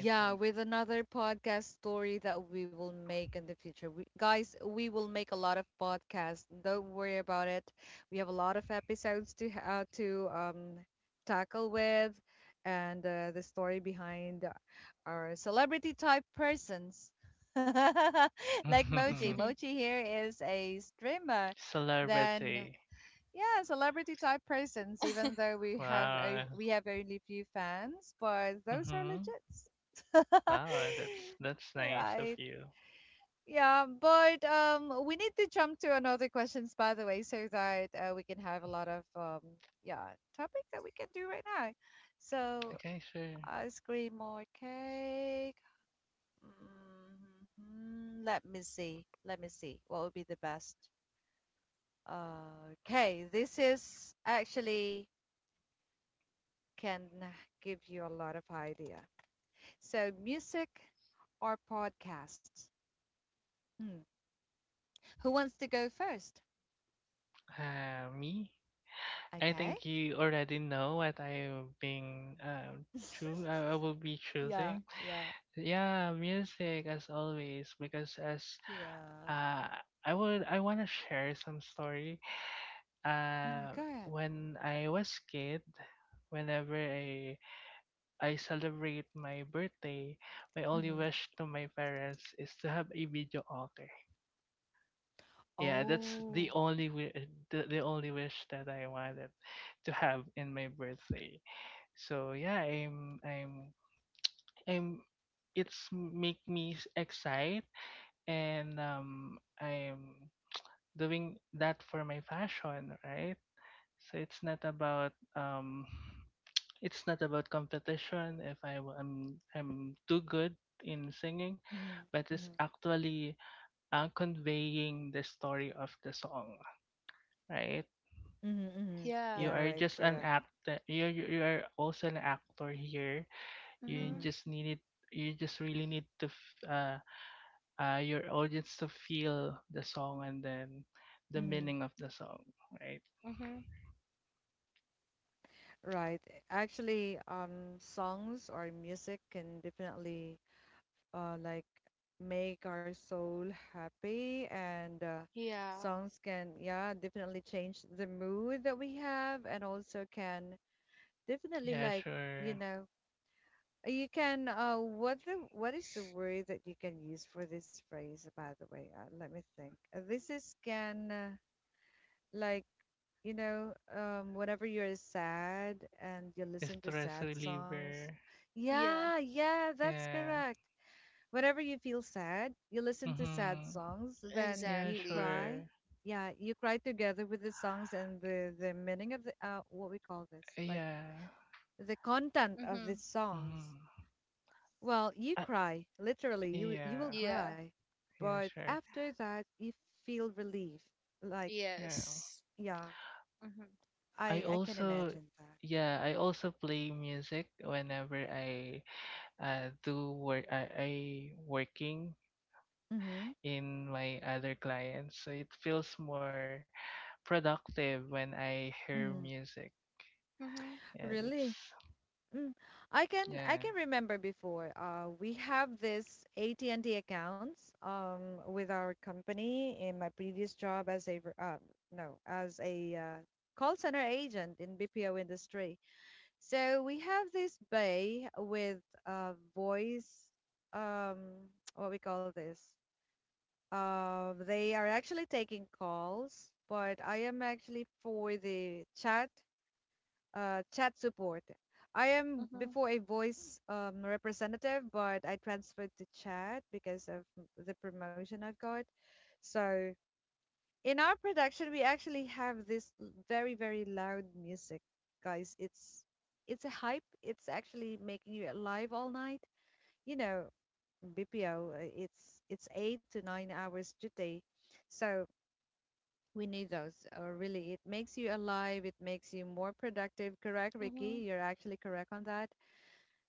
[SPEAKER 3] I think.
[SPEAKER 1] with another podcast story that we will make in the future. We, guys, we will make a lot of podcasts. Don't worry about it. We have a lot of episodes to tackle with and the story behind our celebrity type persons. Like Mochi.
[SPEAKER 2] Mhm.
[SPEAKER 1] Mochi here is a streamer. Then
[SPEAKER 3] Celebrity.
[SPEAKER 1] yeah, celebrity type persons, even though we have
[SPEAKER 3] Wow.
[SPEAKER 1] we have only few fans, but those are
[SPEAKER 3] Mm-hmm.
[SPEAKER 1] legit.
[SPEAKER 3] Wow, that's nice of
[SPEAKER 1] Right.
[SPEAKER 3] you.
[SPEAKER 1] Yeah, but we need to jump to another questions, by the way, so that we can have a lot of yeah, topic that we can do right now. So
[SPEAKER 3] Okay, sure.
[SPEAKER 1] ice cream or cake? Hmm. Let me see. Let me see. What would be the best? Okay, this is actually can give you a lot of idea. So music or podcasts? Hmm. Who wants to go first?
[SPEAKER 3] Me. I
[SPEAKER 1] Okay.
[SPEAKER 3] think you already know what I've been I will be
[SPEAKER 1] Yeah,
[SPEAKER 3] choosing.
[SPEAKER 1] yeah,
[SPEAKER 3] Yeah, music as always because as.
[SPEAKER 1] yeah.
[SPEAKER 3] Uh, I would I want to share some story.
[SPEAKER 1] Hmm. Go ahead.
[SPEAKER 3] When I was kid, whenever I celebrate my birthday, my only
[SPEAKER 1] Hmm.
[SPEAKER 3] wish to my parents is to have a video altar. Yeah, that's the
[SPEAKER 1] Oh.
[SPEAKER 3] only the only wish that I wanted to have in my birthday. So yeah, I'm it's make me excite and I'm doing that for my fashion, right? So it's not about it's not about competition if I w- I'm too good in singing,
[SPEAKER 1] Mm-hmm,
[SPEAKER 3] but it's
[SPEAKER 1] mm-hmm,
[SPEAKER 3] actually conveying the story of the song, right?
[SPEAKER 1] mm-hmm, mm-hmm.
[SPEAKER 2] Yeah.
[SPEAKER 3] You
[SPEAKER 1] Yeah,
[SPEAKER 3] are
[SPEAKER 1] right,
[SPEAKER 3] just an
[SPEAKER 1] correct.
[SPEAKER 3] actor. You are also an actor here. You
[SPEAKER 1] Mm-hmm,
[SPEAKER 2] Mhm.
[SPEAKER 3] just needed. You just really need to your audience to feel the song and then the
[SPEAKER 1] mm-hmm.
[SPEAKER 3] meaning of the song, right?
[SPEAKER 2] Mhm.
[SPEAKER 1] Right. Actually, songs or music can definitely like make our soul happy and
[SPEAKER 2] Yeah.
[SPEAKER 1] songs can yeah, definitely change the mood that we have and also can definitely
[SPEAKER 3] Yeah,
[SPEAKER 1] like, you
[SPEAKER 3] sure.
[SPEAKER 1] know, you can what the what is the word that you can use for this phrase by the way? Let me think. This is can like whenever you're sad and you listen to
[SPEAKER 3] Stress
[SPEAKER 1] sad songs.
[SPEAKER 3] reliever.
[SPEAKER 2] Yeah.
[SPEAKER 1] Yeah, yeah, that's
[SPEAKER 3] Yeah.
[SPEAKER 1] correct. Whenever you feel sad, you listen to sad
[SPEAKER 3] Mm-hmm.
[SPEAKER 1] songs, then
[SPEAKER 3] Yeah,
[SPEAKER 1] you
[SPEAKER 2] Exactly.
[SPEAKER 1] cry.
[SPEAKER 3] sure.
[SPEAKER 1] Yeah, you cry together with the songs and the meaning of the what we call this, like
[SPEAKER 3] Yeah.
[SPEAKER 1] the content of the
[SPEAKER 2] Mhm.
[SPEAKER 1] songs.
[SPEAKER 3] Mm-hmm.
[SPEAKER 1] Well, you
[SPEAKER 3] Uh,
[SPEAKER 1] cry. Literally, you will
[SPEAKER 3] yeah.
[SPEAKER 2] Yeah.
[SPEAKER 1] cry.
[SPEAKER 3] Yeah,
[SPEAKER 1] But
[SPEAKER 3] sure.
[SPEAKER 1] after that, you feel relief. Like,
[SPEAKER 3] Yeah.
[SPEAKER 2] Yes.
[SPEAKER 1] yeah,
[SPEAKER 2] Mhm.
[SPEAKER 3] I
[SPEAKER 1] I can
[SPEAKER 3] also,
[SPEAKER 1] imagine that.
[SPEAKER 3] yeah, I also play music whenever I do work. I working
[SPEAKER 1] Mhm.
[SPEAKER 3] in my other clients, so it feels more productive when I hear
[SPEAKER 1] Mhm.
[SPEAKER 3] music. Yeah,
[SPEAKER 2] Mhm.
[SPEAKER 3] that's
[SPEAKER 1] Really? Mm.
[SPEAKER 3] yeah.
[SPEAKER 1] I can remember before. We have this AT&T accounts with our company in my previous job as a re- no, as a call center agent in BPO industry. So we have this bay with voice, um, what we call this. They are actually taking calls, but I am actually for the chat, chat support. I am
[SPEAKER 2] Mm-hmm.
[SPEAKER 1] before a voice representative, but I transferred to chat because of the promotion I've got. So in our production we actually have this very very loud music, guys. It's a hype. It's actually making you alive all night. You know, BPO, it's 8 to 9 hours today, so we need those. Really, it makes you alive, it makes you more productive. Correct,
[SPEAKER 2] Mm-hmm.
[SPEAKER 1] Ricky? You're actually correct on that.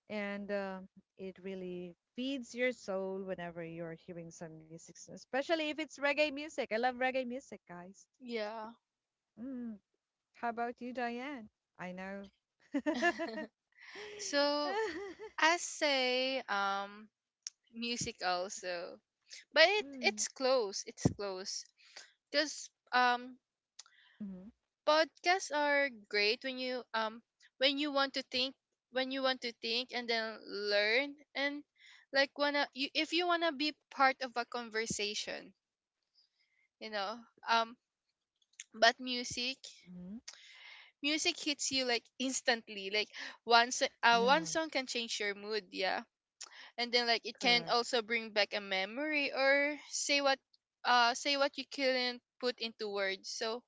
[SPEAKER 1] And It really feeds your soul whenever you're hearing some music, especially if it's reggae music. I love reggae music, guys.
[SPEAKER 2] Yeah.
[SPEAKER 1] Mm. How about you, Diane? I know.
[SPEAKER 2] So I say music also. But it
[SPEAKER 1] Mm.
[SPEAKER 2] it's close. It's close. Cuz
[SPEAKER 1] Hmm.
[SPEAKER 2] podcasts are great when you want to think when you want to think and then learn and like wanna you, if you wanna be part of a conversation, you know. Um but music,
[SPEAKER 1] Hmm.
[SPEAKER 2] music hits you like instantly, like one
[SPEAKER 1] Yeah.
[SPEAKER 2] song can change your mood, yeah, and then like it can
[SPEAKER 1] Correct.
[SPEAKER 2] also bring back a memory or say what you couldn't put into words. So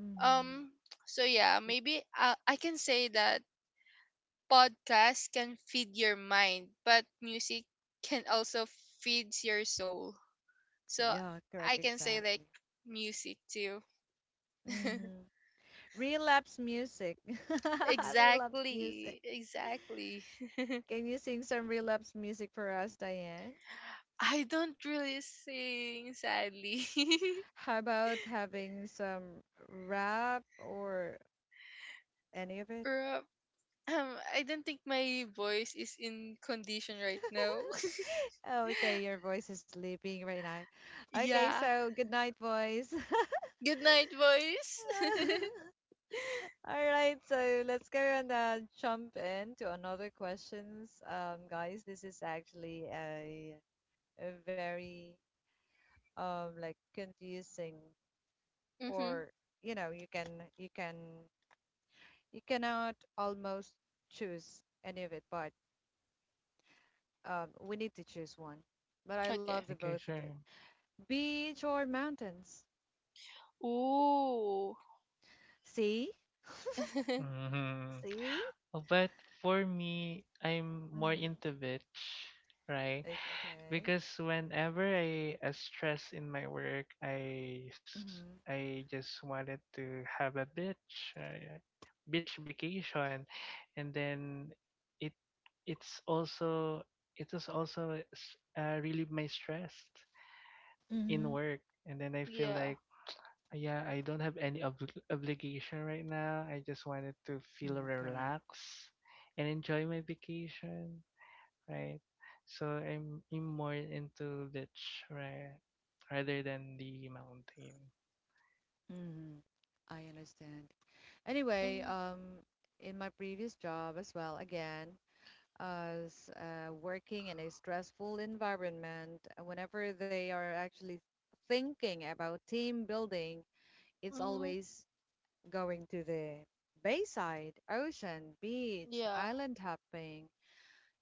[SPEAKER 1] Hmm.
[SPEAKER 2] um so yeah, maybe I can say that podcast can feed your mind but music can also feeds your soul. So
[SPEAKER 1] Yeah, correct,
[SPEAKER 2] I can say like
[SPEAKER 1] exactly.
[SPEAKER 2] music too.
[SPEAKER 1] Hmm. Relapse music. Relapse music.
[SPEAKER 2] Exactly, exactly.
[SPEAKER 1] Can you sing some relapse music for us, Diane?
[SPEAKER 2] I don't really sing sadly.
[SPEAKER 1] How about having some rap or any of it?
[SPEAKER 2] Ro- I don't think my voice is in condition right now.
[SPEAKER 1] Okay, your voice is sleeping right now. Okay,
[SPEAKER 2] Yeah.
[SPEAKER 1] so good night, boys.
[SPEAKER 2] Good night, voice.
[SPEAKER 1] All right, so let's go and jump into another questions, guys. This is actually a very like confusing
[SPEAKER 2] Mm-hmm.
[SPEAKER 1] or you know you can you cannot almost choose any of it, but we need to choose one. But I love
[SPEAKER 2] Okay.
[SPEAKER 1] the
[SPEAKER 3] Okay,
[SPEAKER 1] both of it.
[SPEAKER 3] sure.
[SPEAKER 1] Beach or mountains?
[SPEAKER 2] Ooh.
[SPEAKER 1] See?
[SPEAKER 3] Hmm.
[SPEAKER 1] See?
[SPEAKER 3] But for me, I'm more
[SPEAKER 1] Mm-hmm.
[SPEAKER 3] into bitch, right?
[SPEAKER 1] Okay.
[SPEAKER 3] Because whenever I stress in my work,
[SPEAKER 1] Mm-hmm.
[SPEAKER 3] I just wanted to have a bitch, bitch vacation, and then it it's also it is also relieve my stress
[SPEAKER 1] Mm-hmm.
[SPEAKER 3] in work, and then I feel
[SPEAKER 2] Yeah.
[SPEAKER 3] like yeah, I don't have any obligation right now. I just wanted to feel
[SPEAKER 1] Mm, correct.
[SPEAKER 3] relaxed and enjoy my vacation, right? So I'm more into beach, right? Rather than the mountain.
[SPEAKER 1] Mm-hmm. I understand. Anyway,
[SPEAKER 2] Mm-hmm.
[SPEAKER 1] in my previous job as well, again, as working in a stressful environment, whenever they are actually thinking about team building, it's
[SPEAKER 2] Mm-hmm.
[SPEAKER 1] always going to the bayside, ocean, beach,
[SPEAKER 2] Yeah.
[SPEAKER 1] island hopping.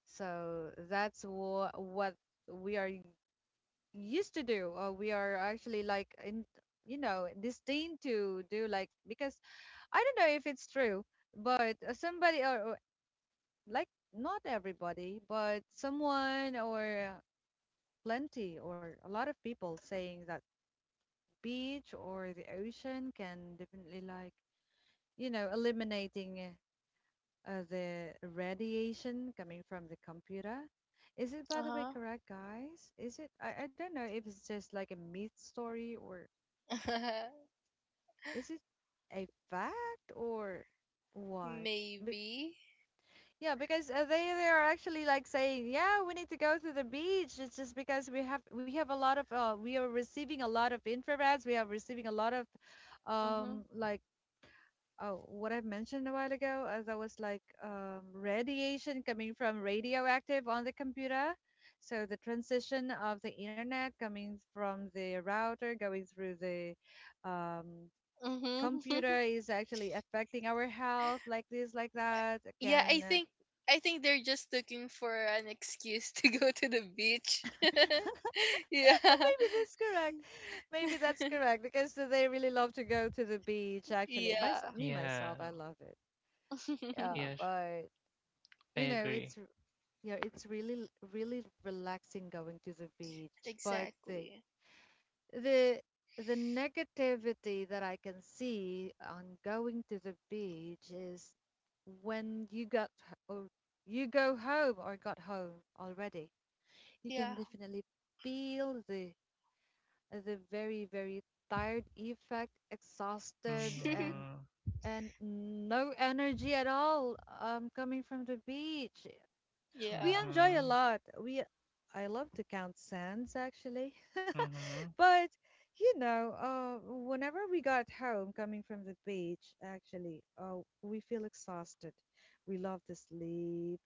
[SPEAKER 1] So that's what we are used to do. We are actually like in, you know, disdain to do, like, because I don't know if it's true, but somebody or like not everybody but someone or plenty or a lot of people saying that beach or the ocean can definitely like, you know, eliminating the radiation coming from the computer. Is it by the way
[SPEAKER 2] Uh
[SPEAKER 1] correct, guys? Is it? I don't know if it's just like a myth story or.
[SPEAKER 2] huh.
[SPEAKER 1] Is it a fact or what? Be-
[SPEAKER 2] Maybe.
[SPEAKER 1] yeah, because they are actually like saying, yeah, we need to go to the beach. It's just because we have a lot of we are receiving a lot of infrareds. We are receiving a lot of
[SPEAKER 2] Mm-hmm.
[SPEAKER 1] like, oh, what I've mentioned a while ago, as I was like radiation coming from radioactive on the computer. So the transition of the internet coming from the router going through the um,
[SPEAKER 2] Mm-hmm.
[SPEAKER 1] computer is actually affecting our health like this like that.
[SPEAKER 2] Yeah,
[SPEAKER 1] Can
[SPEAKER 2] I think they're just looking for an excuse to go to the beach. Yeah.
[SPEAKER 1] maybe that's correct. Maybe that's correct because they really love to go to the beach. Actually, my
[SPEAKER 2] Yeah.
[SPEAKER 1] me myself,
[SPEAKER 3] Yeah,
[SPEAKER 1] I love it. Yeah,
[SPEAKER 3] yes,
[SPEAKER 1] but you
[SPEAKER 3] I
[SPEAKER 1] know it's
[SPEAKER 3] agree.
[SPEAKER 1] yeah, it's really really relaxing going to the beach, but the
[SPEAKER 2] Exactly.
[SPEAKER 1] the the negativity that I can see on going to the beach is when you got h- or you go home or got home already. You can
[SPEAKER 2] Yeah.
[SPEAKER 1] definitely feel the very very tired effect, exhausted,
[SPEAKER 3] Mm-hmm.
[SPEAKER 1] and no energy at all coming from the beach. We
[SPEAKER 2] Yeah.
[SPEAKER 1] enjoy a
[SPEAKER 3] Mm-hmm.
[SPEAKER 1] lot. We I love to count sands actually.
[SPEAKER 3] Mm-hmm.
[SPEAKER 1] But you know, whenever we got home, coming from the beach, actually, we feel exhausted. We love to sleep.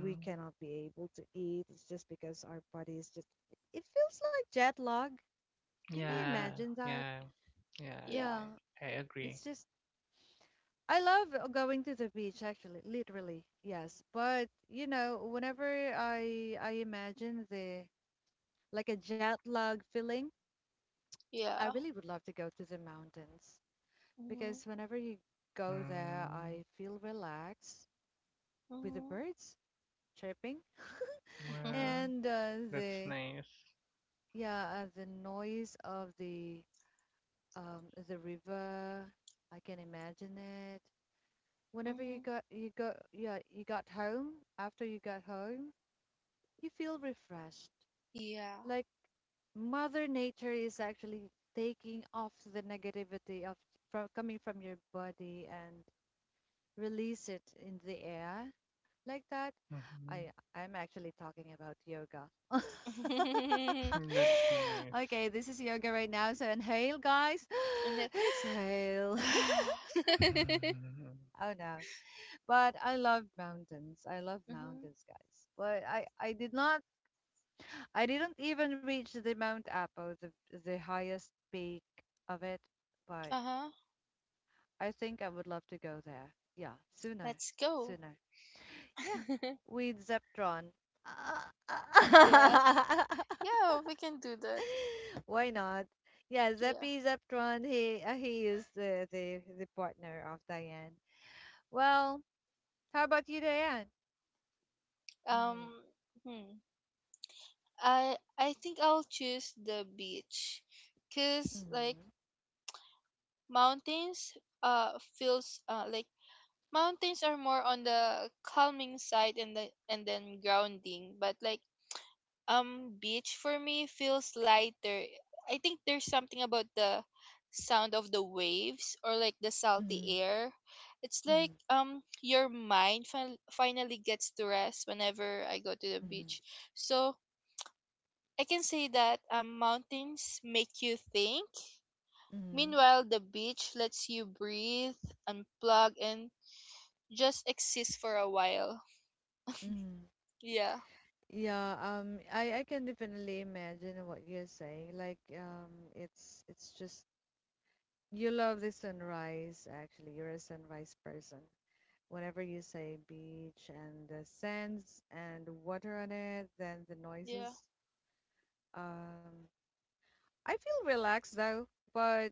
[SPEAKER 1] We cannot be able to eat. It's just because our body is just. It feels like jet lag. Can you
[SPEAKER 2] Mhm.
[SPEAKER 3] Yeah,
[SPEAKER 1] imagine that?
[SPEAKER 3] yeah, yeah,
[SPEAKER 2] Yeah.
[SPEAKER 1] Yeah,
[SPEAKER 3] I
[SPEAKER 1] it's
[SPEAKER 3] agree.
[SPEAKER 1] just. I love going to the beach, actually, literally, yes. But you know, whenever I imagine the like a jet lag feeling, I
[SPEAKER 2] Yeah.
[SPEAKER 1] really would love to go to the mountains.
[SPEAKER 2] Mhm.
[SPEAKER 1] Because whenever you go
[SPEAKER 3] Mm,
[SPEAKER 1] there, I feel relaxed with the
[SPEAKER 2] Mhm.
[SPEAKER 1] birds chirping
[SPEAKER 2] Mhm.
[SPEAKER 3] well,
[SPEAKER 2] Mhm.
[SPEAKER 1] and
[SPEAKER 3] that's
[SPEAKER 1] the
[SPEAKER 3] nice.
[SPEAKER 1] yeah, the noise of the river. I can imagine it. Whenever you go, yeah, you got home, after you got home, you feel refreshed.
[SPEAKER 2] Yeah.
[SPEAKER 1] Like Mother Nature is actually taking off the negativity of from coming from your body and release it in the air like that. I
[SPEAKER 3] Mm-hmm.
[SPEAKER 1] I'm actually talking about yoga.
[SPEAKER 3] That's
[SPEAKER 1] Okay,
[SPEAKER 3] nice.
[SPEAKER 1] this is yoga right now. So inhale, guys.
[SPEAKER 2] And then.
[SPEAKER 1] Exhale. Oh no. But I love mountains. I love
[SPEAKER 2] Mhm.
[SPEAKER 1] mountains, guys. But I did not, I didn't even reach the Mount Apo, the highest peak of it. But
[SPEAKER 2] Uh huh.
[SPEAKER 1] I think I would love to go there. Yeah, sooner,
[SPEAKER 2] Let's go.
[SPEAKER 1] sooner. Yeah, with Zeptron.
[SPEAKER 2] Yeah. Yeah. We can do that.
[SPEAKER 1] Why not? Yeah,
[SPEAKER 2] Yeah.
[SPEAKER 1] Zeppy Zeptron. He is the partner of Diane. Well, how about you, Diane? Mm,
[SPEAKER 2] Um. Hmm. I think I'll choose the beach, cause like
[SPEAKER 1] mhm,
[SPEAKER 2] mountains. Feels. Like mountains are more on the calming side and the and then grounding, but like um, beach for me feels lighter. I think there's something about the sound of the waves or like the salty
[SPEAKER 1] mhm,
[SPEAKER 2] air. It's like
[SPEAKER 1] mhm,
[SPEAKER 2] your mind finally gets to rest whenever I go to the
[SPEAKER 1] mhm,
[SPEAKER 2] beach. So I can say that mountains make you think.
[SPEAKER 1] mhm,
[SPEAKER 2] Meanwhile, the beach lets you breathe, unplug, and just exist for a while.
[SPEAKER 1] mhm.
[SPEAKER 2] Yeah.
[SPEAKER 1] Yeah, I can definitely imagine what you're saying. Like, it's just. You love the sunrise, actually. You're a sunrise person. Whenever you say beach and the sands and water on it, then the
[SPEAKER 2] Yeah.
[SPEAKER 1] noises. Um, I feel relaxed though, but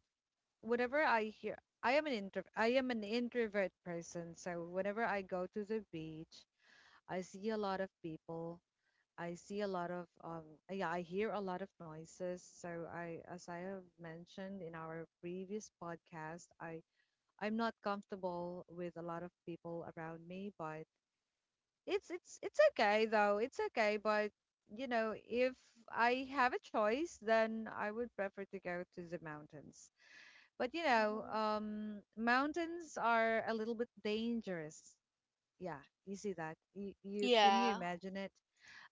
[SPEAKER 1] whenever I hear, I am an intro, I am an introvert person. So whenever I go to the beach, I see a lot of people. I see a lot of yeah, I hear a lot of noises. So I, as I have mentioned in our previous podcast, I I'm not comfortable with a lot of people around me, but it's okay though. It's okay, but you know, if I have a choice, then I would prefer to go to the mountains. But you know,
[SPEAKER 2] Mm-hmm.
[SPEAKER 1] mountains are a little bit dangerous. Yeah, you see that? You can you
[SPEAKER 2] Yeah.
[SPEAKER 1] imagine it?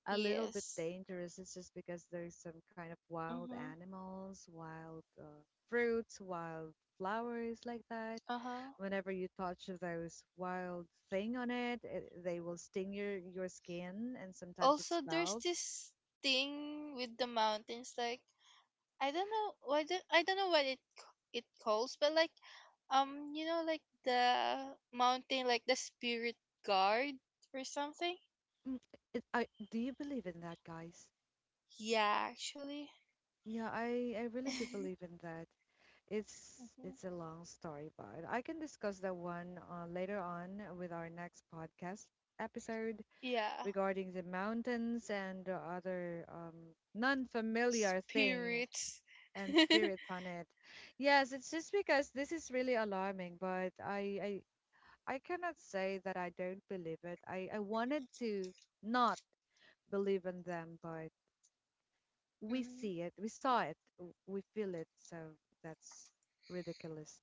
[SPEAKER 1] A little bit
[SPEAKER 2] Yes.
[SPEAKER 1] dangerous. It's just because there's some kind of wild
[SPEAKER 2] Mm-hmm.
[SPEAKER 1] animals, wild fruits, wild flowers like that
[SPEAKER 2] Uh huh.
[SPEAKER 1] whenever you touch those wild thing on it, it they will sting your skin and sometimes it
[SPEAKER 2] Also there's
[SPEAKER 1] swells.
[SPEAKER 2] this thing with the mountains like I don't know why the I don't know what it calls, but like you know like the mountain, like the spirit guard or something.
[SPEAKER 1] Mm, it, I do you believe in that, guys?
[SPEAKER 2] Yeah, actually.
[SPEAKER 1] Yeah, I really do believe in that.
[SPEAKER 2] Mhm.
[SPEAKER 1] It's a long story, but I can discuss that one later on with our next podcast episode
[SPEAKER 2] Yeah,
[SPEAKER 1] regarding the mountains and other non-familiar thing
[SPEAKER 2] spirits.
[SPEAKER 1] and spirits on it. Yes, it's just because this is really alarming, but I cannot say that I don't believe it. I wanted to not believe in them, but we
[SPEAKER 2] Mhm.
[SPEAKER 1] see it, we saw it, w- we feel it, so that's ridiculous.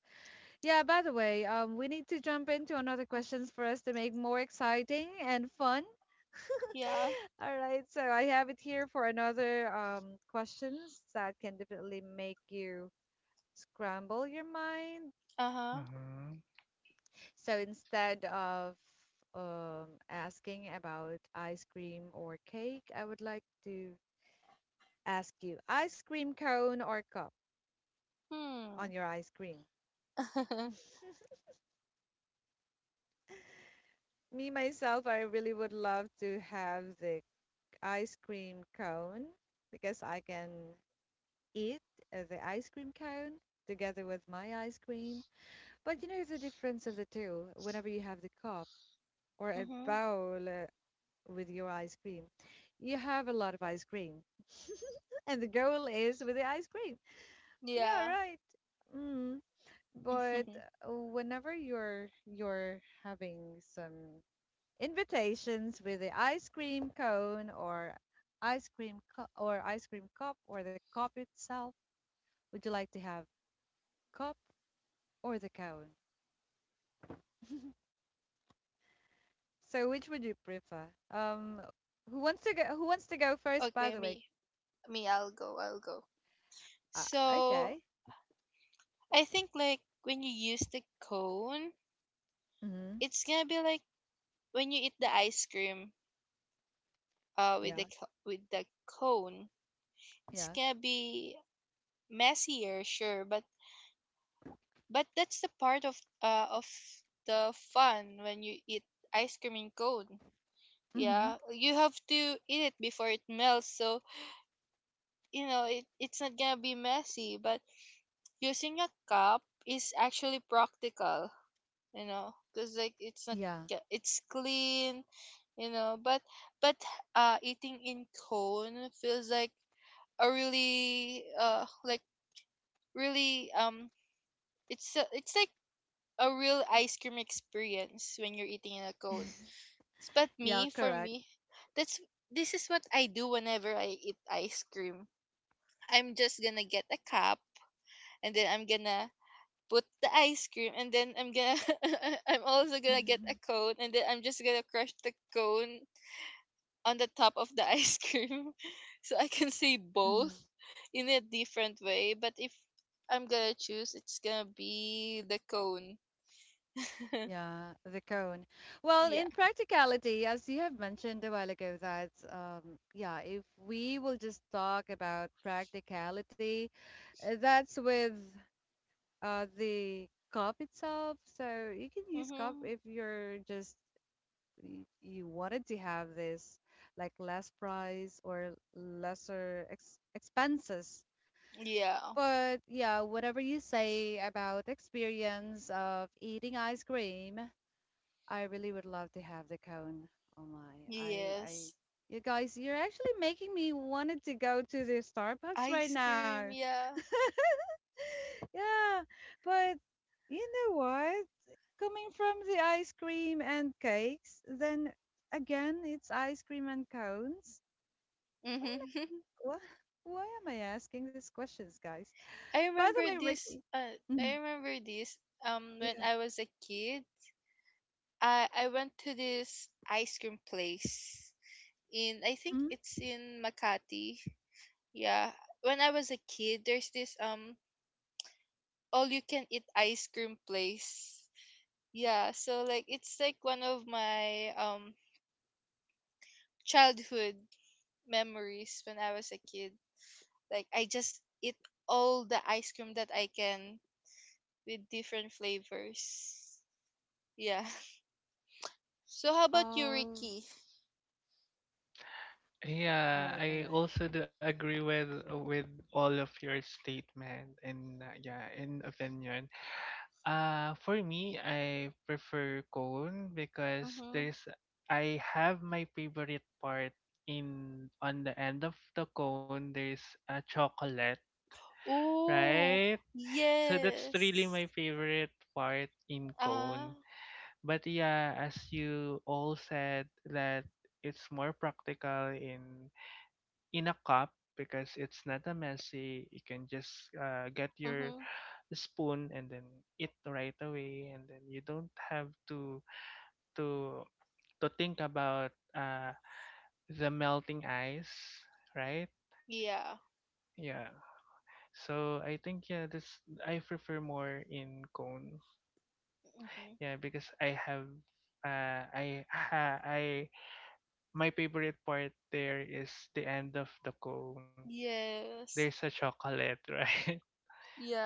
[SPEAKER 1] Yeah, by the way, we need to jump into another questions for us to make more exciting and fun.
[SPEAKER 2] Yeah.
[SPEAKER 1] All right, so I have it here for another questions that can definitely make you scramble your mind.
[SPEAKER 2] Uh-huh.
[SPEAKER 3] Mhm.
[SPEAKER 1] So instead of asking about ice cream or cake, I would like to ask you ice cream cone or cup on
[SPEAKER 2] Hmm.
[SPEAKER 1] your ice cream. Me, myself, I really would love to have the ice cream cone because I can eat the ice cream cone together with my ice cream. But you know the difference of the two whenever you have the cup or a
[SPEAKER 2] Mm-hmm.
[SPEAKER 1] bowl with your ice cream. You have a lot of ice cream. And the goal is with the ice cream. Yeah,
[SPEAKER 2] Yeah.
[SPEAKER 1] right. Mm. But whenever you're having some invitations with the ice cream cone or ice cream cu- or ice cream cup or the cup itself, would you like to have cup or the cone? So which would you prefer? Um, who wants to go? Who wants to go first? By
[SPEAKER 2] Okay,
[SPEAKER 1] the
[SPEAKER 2] me
[SPEAKER 1] way,
[SPEAKER 2] me I'll go I'll go, so
[SPEAKER 1] okay.
[SPEAKER 2] I think like when you use the cone,
[SPEAKER 1] Mm-hmm.
[SPEAKER 2] it's gonna be like when you eat the ice cream with the
[SPEAKER 1] Yeah,
[SPEAKER 2] with the cone. It's
[SPEAKER 1] yeah.
[SPEAKER 2] gonna be messier, sure, but that's the part of of the fun when you eat ice cream in cone.
[SPEAKER 1] Mm-hmm.
[SPEAKER 2] Yeah, you have to eat it before it melts, so you know it's not gonna be messy. But using a cup is actually practical, you know, because like it's not,
[SPEAKER 1] Yeah.
[SPEAKER 2] yeah, it's clean, you know, but eating in cone feels like a really like really it's a, it's like a real ice cream experience when you're eating in a cone. But
[SPEAKER 1] Yeah,
[SPEAKER 2] me for
[SPEAKER 1] correct.
[SPEAKER 2] me that's this is what I do whenever I eat ice cream, I'm just gonna get a cup and then I'm gonna put the ice cream and then I'm gonna I'm also gonna get a
[SPEAKER 1] Mm-hmm.
[SPEAKER 2] cone and then I'm just gonna crush the cone on the top of the ice cream. So I can say both
[SPEAKER 1] Hmm.
[SPEAKER 2] in a different way, but if I'm gonna choose it's gonna be the cone.
[SPEAKER 1] Yeah, the cone. Well,
[SPEAKER 2] Yeah.
[SPEAKER 1] in practicality, as you have mentioned a while ago, that yeah, if we will just talk about practicality, that's with the cup itself. So you can use cup
[SPEAKER 2] Mm-hmm.
[SPEAKER 1] if you're just y- you wanted to have this like less price or lesser ex expenses.
[SPEAKER 2] Yeah.
[SPEAKER 1] But yeah, whatever you say about the experience of eating ice cream, I really would love to have the cone. Oh my, I,
[SPEAKER 2] Yes,
[SPEAKER 1] you guys, you're actually making me wanted to go to the Starbucks right
[SPEAKER 2] ice cream,
[SPEAKER 1] now.
[SPEAKER 2] yeah.
[SPEAKER 1] Yeah, but you know what? Coming from the ice cream and cakes, then again, it's ice cream and cones.
[SPEAKER 2] Mm-hmm.
[SPEAKER 1] Why am I, why am I asking these questions, guys? By the way, Ricky.
[SPEAKER 2] I
[SPEAKER 1] Mhm.
[SPEAKER 2] remember this when
[SPEAKER 1] Yeah.
[SPEAKER 2] I was a kid I went to this ice cream place in, I think
[SPEAKER 1] Mm-hmm.
[SPEAKER 2] it's in Makati. Yeah. When I was a kid, there's this all you can eat ice cream place. Yeah, so like it's like one of my childhood memories when I was a kid. Like I just eat all the ice cream that I can, with different flavors. Yeah. So how about you,
[SPEAKER 1] Oh,
[SPEAKER 2] Ricky?
[SPEAKER 1] all
[SPEAKER 3] Yeah,
[SPEAKER 1] right, all
[SPEAKER 3] I
[SPEAKER 1] right.
[SPEAKER 3] also do agree with all of your statement and yeah, and opinion. Uh, for me, I prefer cone because
[SPEAKER 2] Mm-hmm.
[SPEAKER 3] there's I have my favorite part in on the end of the cone there's a chocolate,
[SPEAKER 2] Oh
[SPEAKER 3] right? So that's really
[SPEAKER 2] yes.
[SPEAKER 3] my favorite part in
[SPEAKER 2] Ah,
[SPEAKER 3] cone. But yeah, as you all said, that it's more practical in a cup because it's not a messy. You can just get your
[SPEAKER 2] mhm.
[SPEAKER 3] spoon and then eat right away, and then you don't have to to think about the melting ice, right?
[SPEAKER 2] Yeah.
[SPEAKER 3] Yeah. So I think yeah, this I prefer more in cone.
[SPEAKER 2] Mhm.
[SPEAKER 3] Yeah, because I have I my favorite part there is the end of the cone. There's
[SPEAKER 2] Yes.
[SPEAKER 3] a chocolate, right?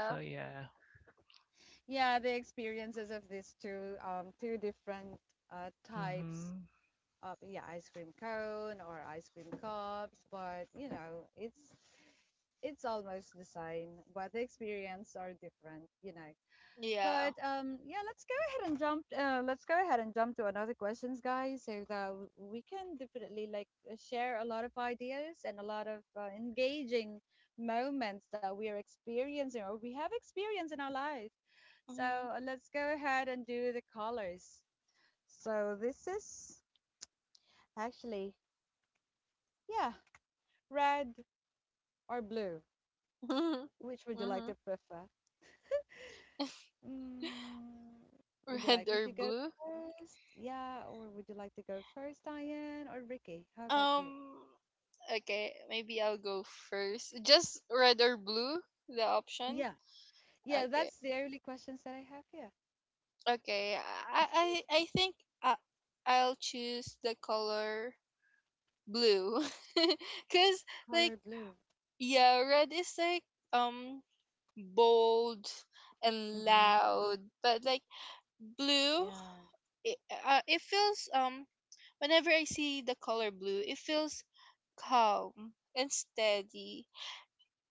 [SPEAKER 3] So yeah.
[SPEAKER 1] Yeah, the experiences of these two two different types
[SPEAKER 3] Mhm.
[SPEAKER 1] of yeah, ice cream cone or ice cream cups, but you know, it's almost the same, but the experience are different, you know.
[SPEAKER 2] Yeah.
[SPEAKER 1] But yeah, let's go ahead and jump. Let's go ahead and jump to another questions, guys, so that w- we can definitely like share a lot of ideas and a lot of engaging moments that we are experiencing or we have experienced in our life. So
[SPEAKER 2] Mhm.
[SPEAKER 1] let's go ahead and do the colors. So this is actually yeah, red or blue. Which would you like to
[SPEAKER 2] Mhm.
[SPEAKER 1] prefer? Mm, would you
[SPEAKER 2] Red
[SPEAKER 1] like me
[SPEAKER 2] or
[SPEAKER 1] to go
[SPEAKER 2] blue?
[SPEAKER 1] first? Yeah, or would you like to go first, Diane or Ricky? How about you?
[SPEAKER 2] Um okay, maybe I'll go first. Just red or blue, the option?
[SPEAKER 1] Yeah, yeah,
[SPEAKER 2] Okay.
[SPEAKER 1] that's the only questions that I have here.
[SPEAKER 2] Okay. I I I think I, I'll choose the color blue. Cuz like
[SPEAKER 1] Color blue.
[SPEAKER 2] yeah, red is like um bold and
[SPEAKER 1] Mm-hmm.
[SPEAKER 2] loud, but like blue,
[SPEAKER 1] Yeah.
[SPEAKER 2] it, it feels whenever I see the color blue, it feels calm and steady.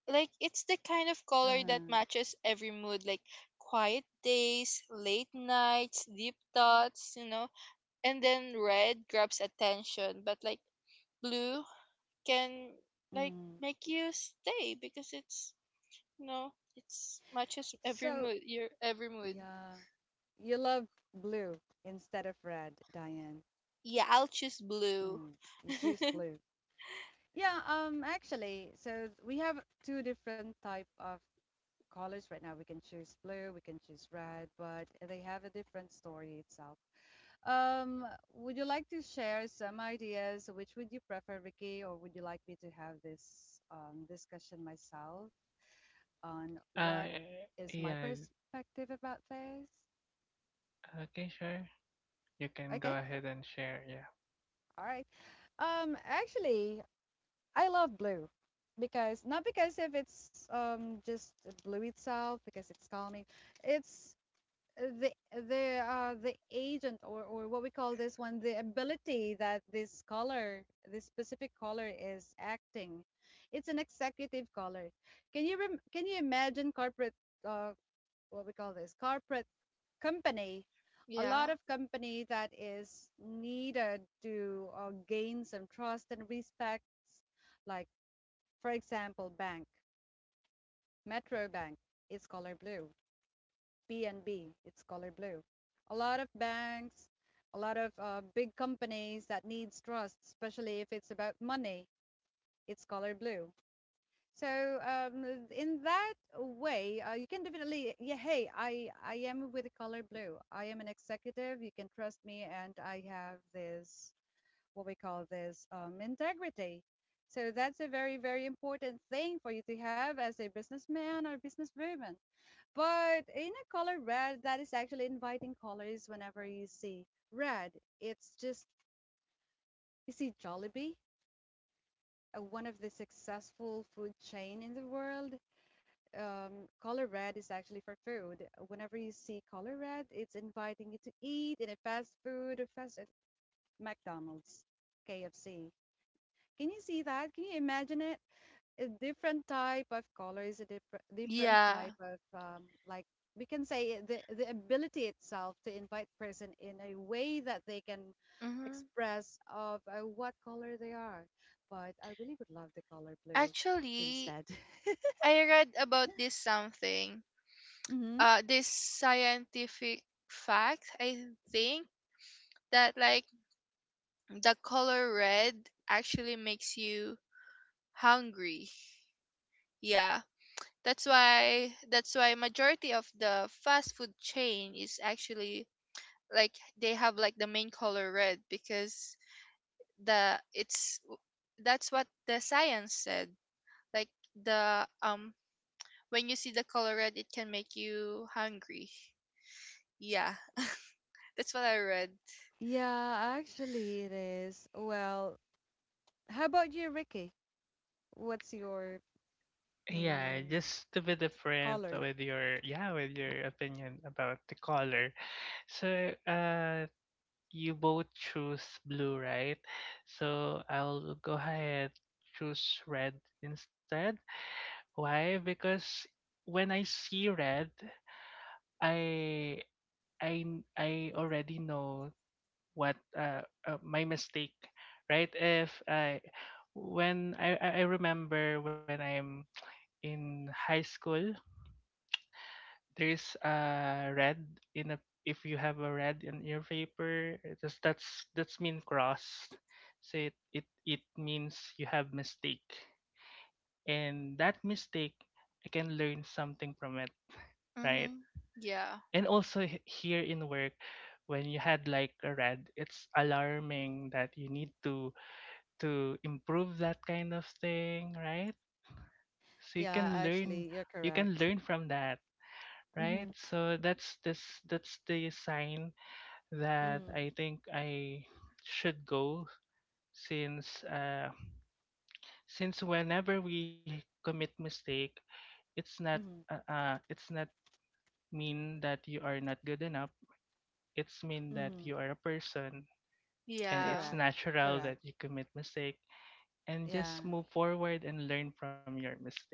[SPEAKER 2] Like it's the kind of color
[SPEAKER 1] Uh-huh.
[SPEAKER 2] that matches every mood, like quiet days, late nights, deep thoughts, you know. And then red grabs attention, but like blue can like
[SPEAKER 1] Mm.
[SPEAKER 2] make you stay, because it's, you know, it's matches every
[SPEAKER 1] So,
[SPEAKER 2] mood, your every mood.
[SPEAKER 1] yeah, you love blue instead of red, Diane.
[SPEAKER 2] Yeah, I'll choose blue.
[SPEAKER 1] Mm. You choose blue. Yeah, actually, so we have two different type of colors right now. We can choose blue, we can choose red, but they have a different story itself. Um, would you like to share some ideas? Which would you prefer, Ricky, or would you like me to have this discussion myself on what
[SPEAKER 3] Uh,
[SPEAKER 1] is my
[SPEAKER 3] yeah.
[SPEAKER 1] perspective about this?
[SPEAKER 3] Okay, sure. You can
[SPEAKER 1] Okay,
[SPEAKER 3] go ahead and share. Yeah.
[SPEAKER 1] all right. Actually, I love blue because not because if it's just blue itself because it's calming. It's the the agent or what we call this one the ability that this caller this specific caller is acting, it's an executive caller. Can you rem- can you imagine corporate uh what we call this corporate company, a lot
[SPEAKER 2] Yeah.
[SPEAKER 1] of company that is needed to gain some trust and respects like for example bank, metro bank is color blue. BNB, it's color blue. A lot of banks, a lot of big companies that needs trust, especially if it's about money. It's color blue. So in that way, you can definitely yeah. Hey, I am with the color blue. I am an executive. You can trust me, and I have this what we call this integrity. So that's a very very important thing for you to have as a businessman or businesswoman. But in a color red, that is actually inviting colors whenever you see red. It's just, you see Jollibee, one of the successful food chain in the world. Color red is actually for food. Whenever you see color red, it's inviting you to eat in a fast food or fast McDonald's, KFC. Can you see that? Can you imagine it? A different type of color is a different type
[SPEAKER 2] Yeah.
[SPEAKER 1] of like we can say the ability itself to invite person in a way that they can
[SPEAKER 2] Hmm.
[SPEAKER 1] express of what color they are but I really would love the color blue
[SPEAKER 2] Actually,
[SPEAKER 1] instead.
[SPEAKER 2] I read about this something,
[SPEAKER 1] Mm-hmm.
[SPEAKER 2] this scientific fact, I think, that like the color red actually makes you hungry. Yeah. That's why majority of the fast food chain is actually like they have like the main color red because the it's that's what the science said. Like the when you see the color red, it can make you hungry. Yeah, that's what I read.
[SPEAKER 1] Yeah, actually it is. Well, how about you, Ricky? What's your
[SPEAKER 3] Yeah,
[SPEAKER 1] mm,
[SPEAKER 3] just to be different
[SPEAKER 1] color?
[SPEAKER 3] with your yeah with your opinion about the color. So you both choose blue, right? So I'll go ahead choose red instead. Why? Because when I see red. I I I already know what my mistake, right? If I when I I remember when I'm in high school, there's a red in a if you have a red in your paper, that's mean cross. So it means you have mistake, and that mistake I can learn something from it, right?
[SPEAKER 2] Mm-hmm. Yeah.
[SPEAKER 3] And also, here in work when you had like a red, it's alarming that you need to improve that kind of thing, right? So you can
[SPEAKER 1] Yeah
[SPEAKER 3] learn,
[SPEAKER 1] actually you're
[SPEAKER 3] you can
[SPEAKER 1] correct.
[SPEAKER 3] learn from that, right?
[SPEAKER 1] Mm-hmm.
[SPEAKER 3] So that's the sign that
[SPEAKER 1] Mm-hmm.
[SPEAKER 3] I think I should go since whenever we commit mistake, it's not
[SPEAKER 1] Mm-hmm.
[SPEAKER 3] it's not mean that you are not good enough. It's mean that
[SPEAKER 1] Mm-hmm.
[SPEAKER 3] you are a person, and
[SPEAKER 2] Yeah.
[SPEAKER 3] it's
[SPEAKER 1] Correct.
[SPEAKER 3] natural
[SPEAKER 1] Correct.
[SPEAKER 3] that you commit mistake, and
[SPEAKER 1] Yeah,
[SPEAKER 3] just move forward and learn from your mistake.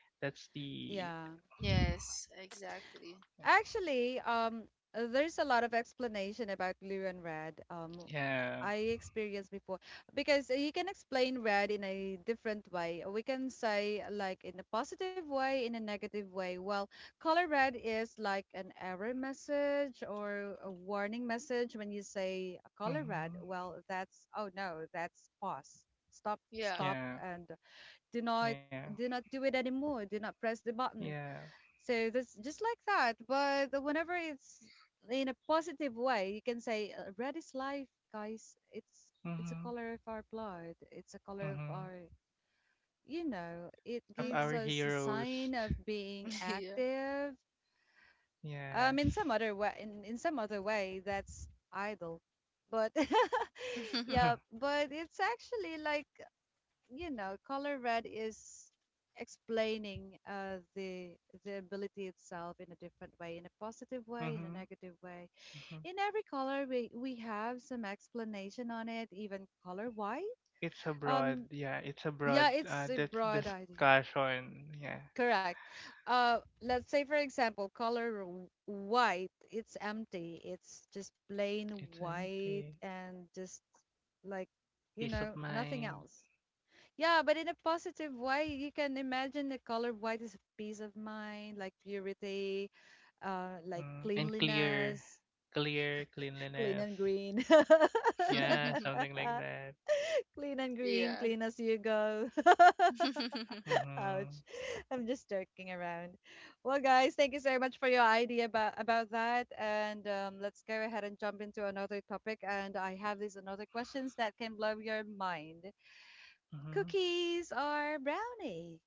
[SPEAKER 3] That's the.
[SPEAKER 1] yeah.
[SPEAKER 2] Yes, exactly.
[SPEAKER 1] Actually, there's a lot of explanation about blue and red.
[SPEAKER 3] Yeah.
[SPEAKER 1] I experienced before because you can explain red in a different way. We can say like in a positive way, in a negative way. Well, color red is like an error message or a warning message when you say color red.
[SPEAKER 3] Hmm.
[SPEAKER 1] Well, that's oh no, that's pause. Stop,
[SPEAKER 2] Yeah.
[SPEAKER 1] stop,
[SPEAKER 3] Yeah,
[SPEAKER 1] and do not
[SPEAKER 3] yeah,
[SPEAKER 1] do not do it anymore. Do not press the button.
[SPEAKER 3] yeah.
[SPEAKER 1] So that's just like that. But whenever it's in a positive way, you can say red is life, guys. It's a
[SPEAKER 3] Hmm.
[SPEAKER 1] color of our blood. It's a color of
[SPEAKER 3] Hmm.
[SPEAKER 1] our, you know, it
[SPEAKER 3] Of our
[SPEAKER 1] gives
[SPEAKER 2] Mm-hmm.
[SPEAKER 1] us a
[SPEAKER 3] heroes.
[SPEAKER 1] sign of being active.
[SPEAKER 3] Yes.
[SPEAKER 1] In some other way, in some other way, that's idle. But
[SPEAKER 3] Hmm.
[SPEAKER 1] yeah, but it's actually like you know, color red is explaining the ability itself in a different way, in a positive way, in a
[SPEAKER 3] Hmm.
[SPEAKER 1] negative way. In every color, we have some explanation on it. Even color white.
[SPEAKER 3] It's a broad,
[SPEAKER 1] Um,
[SPEAKER 3] yeah, it's a broad
[SPEAKER 1] yeah, it's a broad idea.
[SPEAKER 3] discussion, yeah.
[SPEAKER 1] Correct. Let's say for example, color w- white. It's empty. It's just
[SPEAKER 3] It's
[SPEAKER 1] plain
[SPEAKER 3] empty.
[SPEAKER 1] white and just like
[SPEAKER 3] Peace of
[SPEAKER 1] you know
[SPEAKER 3] mind.
[SPEAKER 1] nothing else. Yeah, but in a positive way, you can imagine the color white is a peace of mind, like purity, like
[SPEAKER 3] Mm, and clear,
[SPEAKER 1] cleanliness,
[SPEAKER 3] clear
[SPEAKER 1] clean
[SPEAKER 3] cleanliness.
[SPEAKER 1] and green.
[SPEAKER 3] Yeah, something like that.
[SPEAKER 1] Clean and green,
[SPEAKER 2] Yeah. Yeah.
[SPEAKER 1] clean as you go. Ouch.
[SPEAKER 3] Mhm.
[SPEAKER 1] I'm just joking around. Well, guys, thank you so much for your idea about that. And let's go ahead and jump into another topic. And I have these another questions that can blow your mind.
[SPEAKER 3] Mhm.
[SPEAKER 1] Cookies or brownie?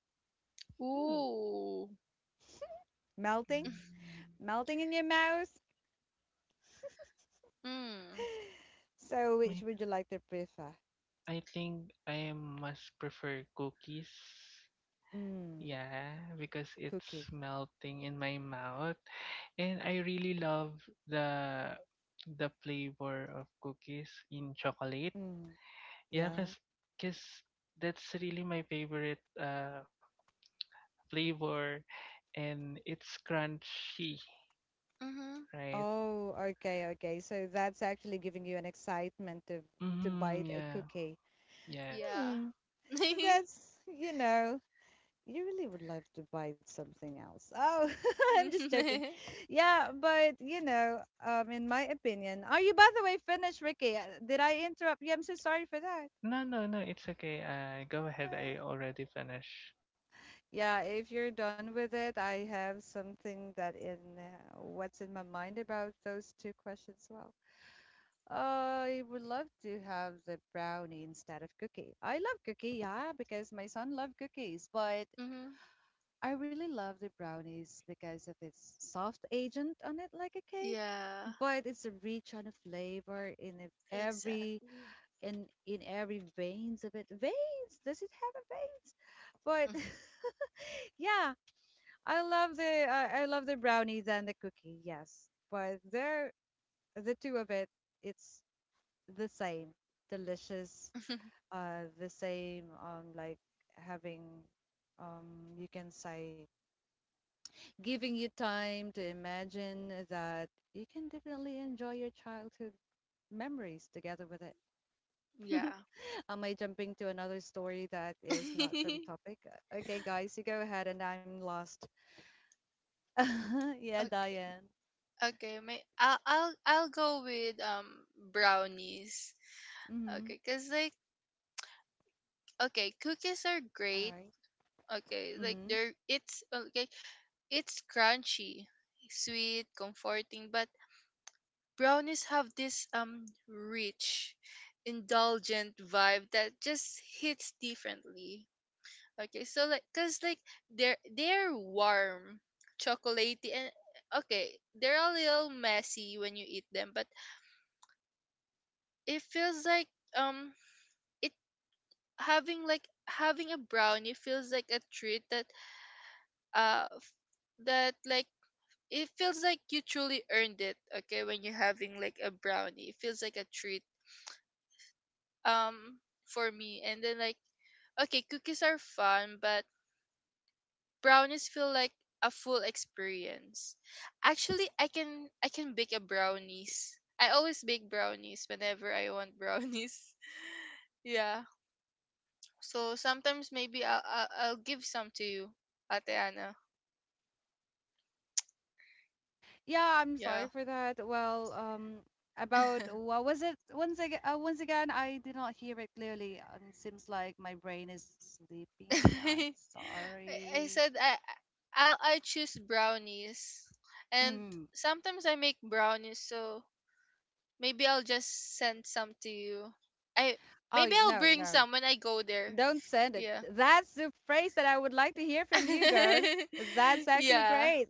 [SPEAKER 1] Hmm.
[SPEAKER 2] Ooh.
[SPEAKER 1] Melting?
[SPEAKER 3] Mm,
[SPEAKER 1] Melting in your mouth?
[SPEAKER 2] Mm.
[SPEAKER 1] So, which
[SPEAKER 3] I
[SPEAKER 1] would you like to prefer?
[SPEAKER 3] I think I must prefer cookies.
[SPEAKER 1] Mm,
[SPEAKER 3] Yeah, because
[SPEAKER 1] cookie.
[SPEAKER 3] it's melting in my mouth and I really love the the flavor of cookies in chocolate.
[SPEAKER 1] Mm,
[SPEAKER 3] Yeah,
[SPEAKER 1] yeah.
[SPEAKER 3] 'cause that's really my favorite flavor and it's crunchy,
[SPEAKER 2] Mm-hmm.
[SPEAKER 3] right?
[SPEAKER 1] Oh, okay, okay. So that's actually giving you an excitement to bite
[SPEAKER 3] Mhm,
[SPEAKER 1] a
[SPEAKER 3] yeah.
[SPEAKER 1] cookie.
[SPEAKER 3] Yes.
[SPEAKER 2] Yeah.
[SPEAKER 1] Hmm. That's, you know, you really would love to bite something else. Oh, I'm just joking.
[SPEAKER 2] Mm-hmm.
[SPEAKER 1] Yeah, but you know, in my opinion, are you by the way finished, Ricky? Did I interrupt you? I'm so sorry for that.
[SPEAKER 3] No, no, no, it's okay. Go
[SPEAKER 1] Uh,
[SPEAKER 3] ahead. I already finished.
[SPEAKER 1] Yeah, if you're done with it, I have something that in what's in my mind about those two questions as well. I would love to have the brownie instead of cookie. I love cookie, yeah, because my son loved cookies, but I really love the brownies because of its soft agent on it, like a cake.
[SPEAKER 2] Yeah.
[SPEAKER 1] But it's rich on flavor in every
[SPEAKER 2] Exactly.
[SPEAKER 1] in every veins of it. Veins? Does it have a veins? But
[SPEAKER 2] Mhm.
[SPEAKER 1] yeah, I love the I love the brownies and the cookie, yes. But they're the two of it, it's the same. Delicious, uh, the same, um, like having, um, you can say, giving you time to imagine that you can definitely enjoy your childhood memories together with it.
[SPEAKER 2] Yeah.
[SPEAKER 1] Am I jumping to another story that is not from topic? Okay, guys, you go ahead and I'm lost. Yeah,
[SPEAKER 2] Okay.
[SPEAKER 1] Diane.
[SPEAKER 2] Okay, my I'll go with brownies.
[SPEAKER 1] Mm-hmm.
[SPEAKER 2] Okay, cause like okay, cookies are
[SPEAKER 1] All
[SPEAKER 2] great.
[SPEAKER 1] right.
[SPEAKER 2] Okay, like
[SPEAKER 1] Mm-hmm.
[SPEAKER 2] they're it's okay, it's crunchy, sweet, comforting, but brownies have this rich, indulgent vibe that just hits differently. Okay, so like cause like they're warm, chocolatey, and okay, they're a little messy when you eat them, but it feels like um it having like having a brownie feels like a treat that uh f- that like it feels like you truly earned it. Okay, when you're having like a brownie it feels like a treat, um for me, and then like okay, cookies are fun, but brownies feel like a full experience. Actually i can bake a brownies, I always bake brownies whenever I want brownies. Yeah. So sometimes maybe I'll give some to you, Ate Anna.
[SPEAKER 1] Yeah, I'm
[SPEAKER 2] Yeah.
[SPEAKER 1] sorry for that. Well, about what was it? Once again, I did not hear it clearly. Seems like my brain is sleeping. I'm
[SPEAKER 2] I, I
[SPEAKER 1] sorry.
[SPEAKER 2] said I I choose brownies, and
[SPEAKER 1] Mm.
[SPEAKER 2] sometimes I make brownies. So maybe I'll just send some to you. I
[SPEAKER 1] Oh,
[SPEAKER 2] Maybe
[SPEAKER 1] y-
[SPEAKER 2] I'll
[SPEAKER 1] no,
[SPEAKER 2] bring
[SPEAKER 1] no.
[SPEAKER 2] some when I go there.
[SPEAKER 1] Don't send it.
[SPEAKER 2] Yeah.
[SPEAKER 1] That's the phrase that I would like to hear from you, girl. That's actually
[SPEAKER 2] Yeah.
[SPEAKER 1] great.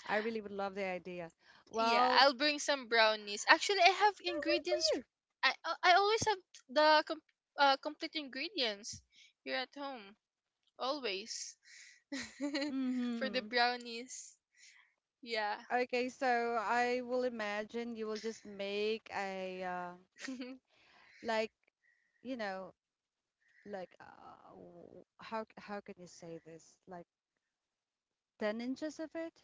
[SPEAKER 1] I really would love the idea.
[SPEAKER 2] Yeah,
[SPEAKER 1] Well,
[SPEAKER 2] I'll bring some brownies. Actually, I have
[SPEAKER 1] I'll wait for
[SPEAKER 2] ingredients.
[SPEAKER 1] you.
[SPEAKER 2] I always have the complete ingredients here at home. Always. For
[SPEAKER 1] Mm-hmm.
[SPEAKER 2] the brownies. Yeah.
[SPEAKER 1] Okay, so I will imagine you will just make a like, you know, like how can you say this? Like 10 inches of it.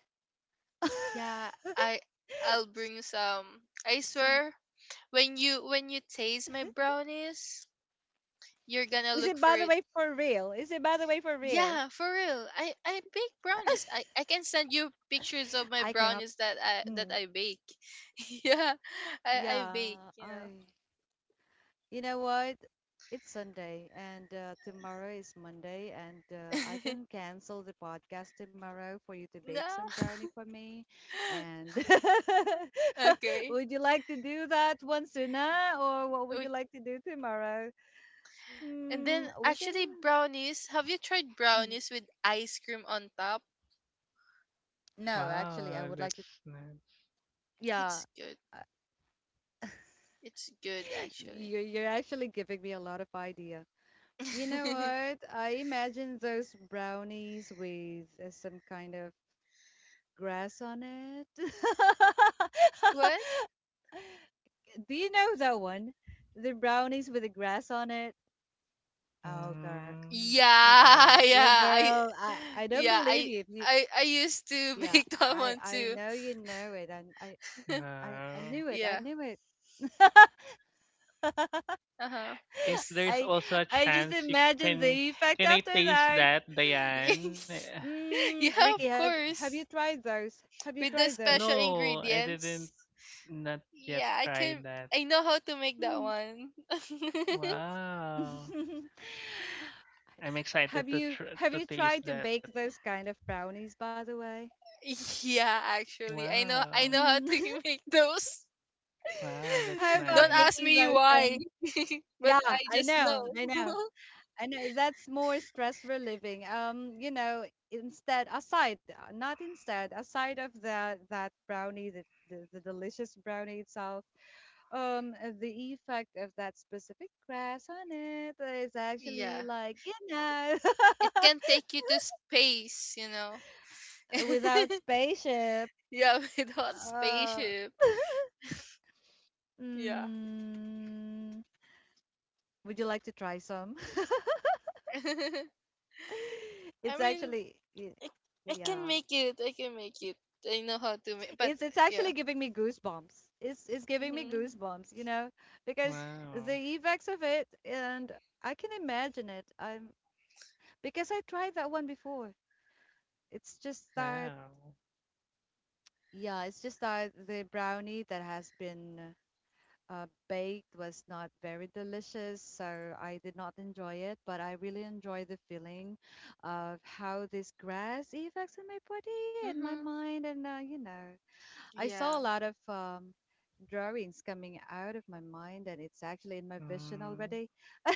[SPEAKER 2] Yeah, I I'll
[SPEAKER 1] S-
[SPEAKER 2] bring some. I
[SPEAKER 1] Some.
[SPEAKER 2] swear when you taste my brownies, you're gonna
[SPEAKER 1] Is
[SPEAKER 2] look
[SPEAKER 1] it by
[SPEAKER 2] for
[SPEAKER 1] the
[SPEAKER 2] it.
[SPEAKER 1] way for real? Is it by the way for real?
[SPEAKER 2] Yeah, for real. I bake brownies. I can send you pictures of my
[SPEAKER 1] I cannot.
[SPEAKER 2] brownies that
[SPEAKER 1] Hmm.
[SPEAKER 2] I bake. Yeah, I
[SPEAKER 1] Yeah,
[SPEAKER 2] bake. You
[SPEAKER 1] I. You know what? It's Sunday and tomorrow is Monday, and
[SPEAKER 2] know.
[SPEAKER 1] I can cancel the podcast tomorrow for you to bake some brownie for me.
[SPEAKER 2] No.
[SPEAKER 1] And
[SPEAKER 2] Okay.
[SPEAKER 1] would you like to do that one sooner, or what would
[SPEAKER 2] We
[SPEAKER 1] you like to do tomorrow?
[SPEAKER 2] And then
[SPEAKER 1] Mm, we can.
[SPEAKER 2] actually brownies. Have you tried
[SPEAKER 1] Mm,
[SPEAKER 2] brownies with ice cream on top?
[SPEAKER 1] no, actually, I
[SPEAKER 3] Wow,
[SPEAKER 1] would like to.
[SPEAKER 3] that's nice.
[SPEAKER 1] Yeah,
[SPEAKER 2] It's good.
[SPEAKER 1] uh,
[SPEAKER 2] It's good actually.
[SPEAKER 1] you're you're actually giving me a lot of idea. You know what? I imagine those brownies with some kind of grass on it.
[SPEAKER 2] What?
[SPEAKER 1] Do you know that one? The brownies with the grass on it. Oh girl,
[SPEAKER 3] Mm,
[SPEAKER 1] oh
[SPEAKER 2] Yeah,
[SPEAKER 1] girl, yeah,
[SPEAKER 2] yeah. I
[SPEAKER 1] girl. I don't
[SPEAKER 2] Yeah,
[SPEAKER 1] believe
[SPEAKER 2] I
[SPEAKER 1] you. If you
[SPEAKER 2] I I used to
[SPEAKER 1] yeah,
[SPEAKER 2] bake that
[SPEAKER 1] I
[SPEAKER 2] one
[SPEAKER 1] I
[SPEAKER 2] too.
[SPEAKER 1] know you know it. I
[SPEAKER 3] uh,
[SPEAKER 1] knew it. I
[SPEAKER 2] Yeah.
[SPEAKER 1] knew it.
[SPEAKER 2] Uh-huh.
[SPEAKER 3] if there's
[SPEAKER 1] I
[SPEAKER 3] also a
[SPEAKER 1] I just
[SPEAKER 3] chance, you
[SPEAKER 1] imagined
[SPEAKER 3] can
[SPEAKER 1] the effect
[SPEAKER 3] can I
[SPEAKER 1] after
[SPEAKER 3] taste
[SPEAKER 1] that.
[SPEAKER 3] that, Diane?
[SPEAKER 2] Yeah,
[SPEAKER 1] Mm, Ricky,
[SPEAKER 2] of
[SPEAKER 1] have you
[SPEAKER 2] course.
[SPEAKER 1] tried those? Have you
[SPEAKER 2] With the
[SPEAKER 1] tried
[SPEAKER 2] special
[SPEAKER 1] those?
[SPEAKER 3] No, I didn't
[SPEAKER 2] ingredients.
[SPEAKER 3] not yet
[SPEAKER 2] Yeah,
[SPEAKER 3] try that.
[SPEAKER 2] I know how to make that
[SPEAKER 1] Hmm.
[SPEAKER 2] one.
[SPEAKER 3] Wow, I'm excited
[SPEAKER 1] Have you have
[SPEAKER 3] to
[SPEAKER 1] you
[SPEAKER 3] taste
[SPEAKER 1] tried to
[SPEAKER 3] that.
[SPEAKER 1] bake those kind of brownies, by the way?
[SPEAKER 2] Yeah, actually, I
[SPEAKER 3] Wow,
[SPEAKER 2] know how
[SPEAKER 1] Mm.
[SPEAKER 2] to make those.
[SPEAKER 3] wow, that's
[SPEAKER 1] How about
[SPEAKER 2] Don't
[SPEAKER 3] nice.
[SPEAKER 2] ask
[SPEAKER 1] making
[SPEAKER 2] me
[SPEAKER 1] those?
[SPEAKER 2] why,
[SPEAKER 1] And
[SPEAKER 2] but
[SPEAKER 1] yeah,
[SPEAKER 2] I
[SPEAKER 1] I
[SPEAKER 2] just
[SPEAKER 1] know,
[SPEAKER 2] know.
[SPEAKER 1] I know, I know. That's more stress relieving. You know, instead, aside, not instead, aside of that brownie, the delicious brownie itself. The effect of that specific crash on it is actually
[SPEAKER 2] Yeah.
[SPEAKER 1] like you know.
[SPEAKER 2] It can take you to space, you know.
[SPEAKER 1] Without spaceship.
[SPEAKER 2] Yeah, without
[SPEAKER 1] Uh,
[SPEAKER 2] spaceship. Yeah.
[SPEAKER 1] mm, would you like to try some?
[SPEAKER 2] I
[SPEAKER 1] It's
[SPEAKER 2] mean,
[SPEAKER 1] actually,
[SPEAKER 2] I, I can
[SPEAKER 1] yeah.
[SPEAKER 2] make it. I can make it. I know how to make, but
[SPEAKER 1] It's
[SPEAKER 2] yeah.
[SPEAKER 1] actually giving me goosebumps. It's giving me
[SPEAKER 2] Mhm.
[SPEAKER 1] goosebumps. You know, because
[SPEAKER 3] Wow,
[SPEAKER 1] the effects of it, and I can imagine it. Because I tried that one before. It's just
[SPEAKER 3] wow,
[SPEAKER 1] that, yeah. It's just that the brownie that has been baked was not very delicious, so I did not enjoy it. But I really enjoy the feeling of how this grass affects in my body and my
[SPEAKER 2] Mhm.
[SPEAKER 1] mind, and you know, I saw
[SPEAKER 2] Yeah.
[SPEAKER 1] a lot of drawings coming out of my mind, and it's actually in my vision
[SPEAKER 3] mm,
[SPEAKER 1] already. I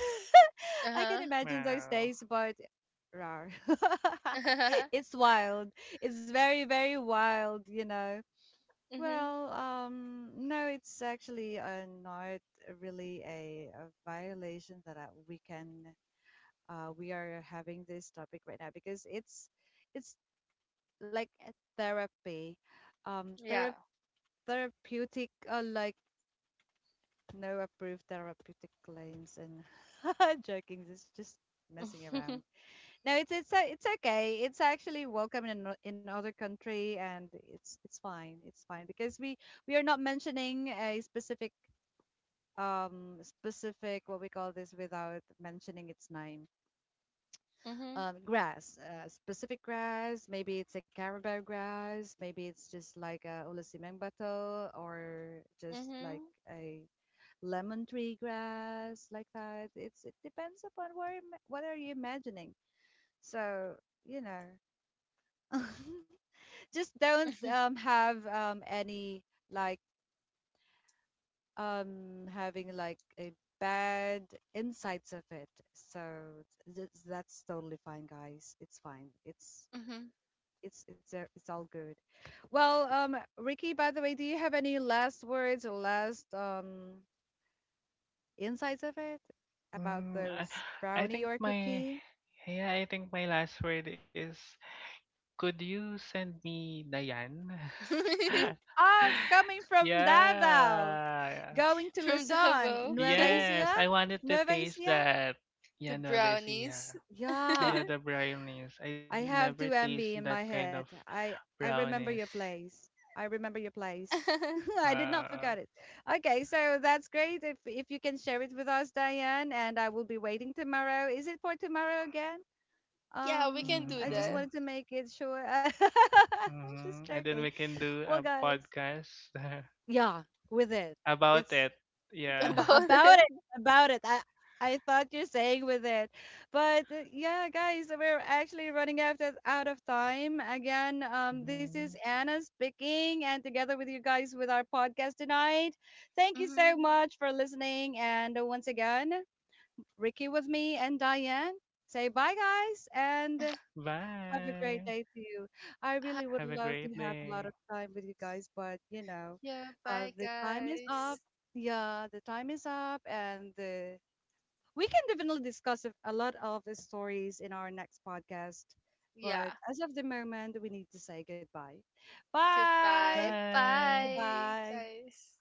[SPEAKER 2] Uh
[SPEAKER 1] can
[SPEAKER 2] huh.
[SPEAKER 1] imagine those
[SPEAKER 3] wow.
[SPEAKER 1] days, but rar, it's wild. It's very, very wild, you know.
[SPEAKER 2] Mhm.
[SPEAKER 1] Well, no, it's actually not really a violation that we are having this topic right now because it's like a therapy, um, thera
[SPEAKER 2] Yeah.
[SPEAKER 1] therapeutic, like no approved therapeutic claims and joking. It's just messing around. No, it's okay. It's actually welcome in in other country and it's fine. It's fine because we are not mentioning a specific, specific, what we call this, without mentioning its name,
[SPEAKER 2] Mhm.
[SPEAKER 1] grass, specific grass. Maybe it's a carabao grass, maybe it's just like a ulasimeng bato, or just like
[SPEAKER 2] Mhm.
[SPEAKER 1] a lemon tree grass, like that. It's, it depends upon where what are you imagining. So, you know, just don't have any, like, having like a bad insights of it. So that's totally fine, guys. It's fine, it's
[SPEAKER 2] Mhm.
[SPEAKER 1] it's it's a, it's all good. Well, Ricky, by the way, do you have any last words or last, insights of it about
[SPEAKER 3] Mm, I,
[SPEAKER 1] those
[SPEAKER 3] I
[SPEAKER 1] brownie
[SPEAKER 3] think
[SPEAKER 1] or
[SPEAKER 3] my,
[SPEAKER 1] cookie?
[SPEAKER 3] yeah, I think my last word is could you send me Dayan?
[SPEAKER 1] Oh, coming from Davao,
[SPEAKER 3] Yeah.
[SPEAKER 1] going to
[SPEAKER 2] From
[SPEAKER 1] Luzon,
[SPEAKER 2] Davao
[SPEAKER 1] Nueva
[SPEAKER 3] Yes,
[SPEAKER 1] Ecija.
[SPEAKER 3] I wanted to
[SPEAKER 1] Nueva
[SPEAKER 3] taste
[SPEAKER 1] Ecija.
[SPEAKER 3] that.
[SPEAKER 2] to
[SPEAKER 3] Yeah, No. Ecija.
[SPEAKER 2] brownies.
[SPEAKER 1] Yeah,
[SPEAKER 3] Yeah, the brownies. I
[SPEAKER 1] I
[SPEAKER 3] never
[SPEAKER 1] have two
[SPEAKER 3] taste
[SPEAKER 1] MB
[SPEAKER 3] that
[SPEAKER 1] in my
[SPEAKER 3] kind of
[SPEAKER 1] head. I remember
[SPEAKER 3] brownies.
[SPEAKER 1] your place. I remember your place. I did not
[SPEAKER 3] Uh,
[SPEAKER 1] forget it. Okay, so that's great. If you can share it with us, Diane, and I will be waiting tomorrow. Is it for tomorrow again?
[SPEAKER 2] Yeah, we can do
[SPEAKER 1] I
[SPEAKER 3] mm-hmm,
[SPEAKER 1] just
[SPEAKER 2] that.
[SPEAKER 1] wanted to make it sure. Just
[SPEAKER 3] mm-hmm. And then
[SPEAKER 1] joking.
[SPEAKER 3] we can do
[SPEAKER 1] Well,
[SPEAKER 3] a
[SPEAKER 1] guys,
[SPEAKER 3] podcast
[SPEAKER 1] yeah, with it.
[SPEAKER 3] about
[SPEAKER 1] It's
[SPEAKER 3] it. Yeah.
[SPEAKER 1] about
[SPEAKER 2] About it.
[SPEAKER 1] about it. I thought you're saying with it. But yeah, guys, we're actually running out of time. Again, this is
[SPEAKER 3] Mhm.
[SPEAKER 1] Anna speaking, and together with you guys with our podcast tonight. Thank you so
[SPEAKER 2] Hmm.
[SPEAKER 1] much for listening. And once again, Ricky with me and Diane. Say bye, guys, and have a
[SPEAKER 3] Bye.
[SPEAKER 1] great day to you. I really
[SPEAKER 3] Have a
[SPEAKER 1] would love
[SPEAKER 3] great
[SPEAKER 1] to have a
[SPEAKER 3] day.
[SPEAKER 1] lot of time with you guys, but you know,
[SPEAKER 2] Yeah, bye
[SPEAKER 1] the time is up.
[SPEAKER 2] guys.
[SPEAKER 1] Yeah, the time is up, and we can definitely discuss a lot of the stories in our next podcast.
[SPEAKER 2] Yeah,
[SPEAKER 1] But as of the moment, we need to say goodbye.
[SPEAKER 2] goodbye.
[SPEAKER 1] Bye.
[SPEAKER 3] Bye.
[SPEAKER 2] Bye
[SPEAKER 1] Bye.
[SPEAKER 2] guys.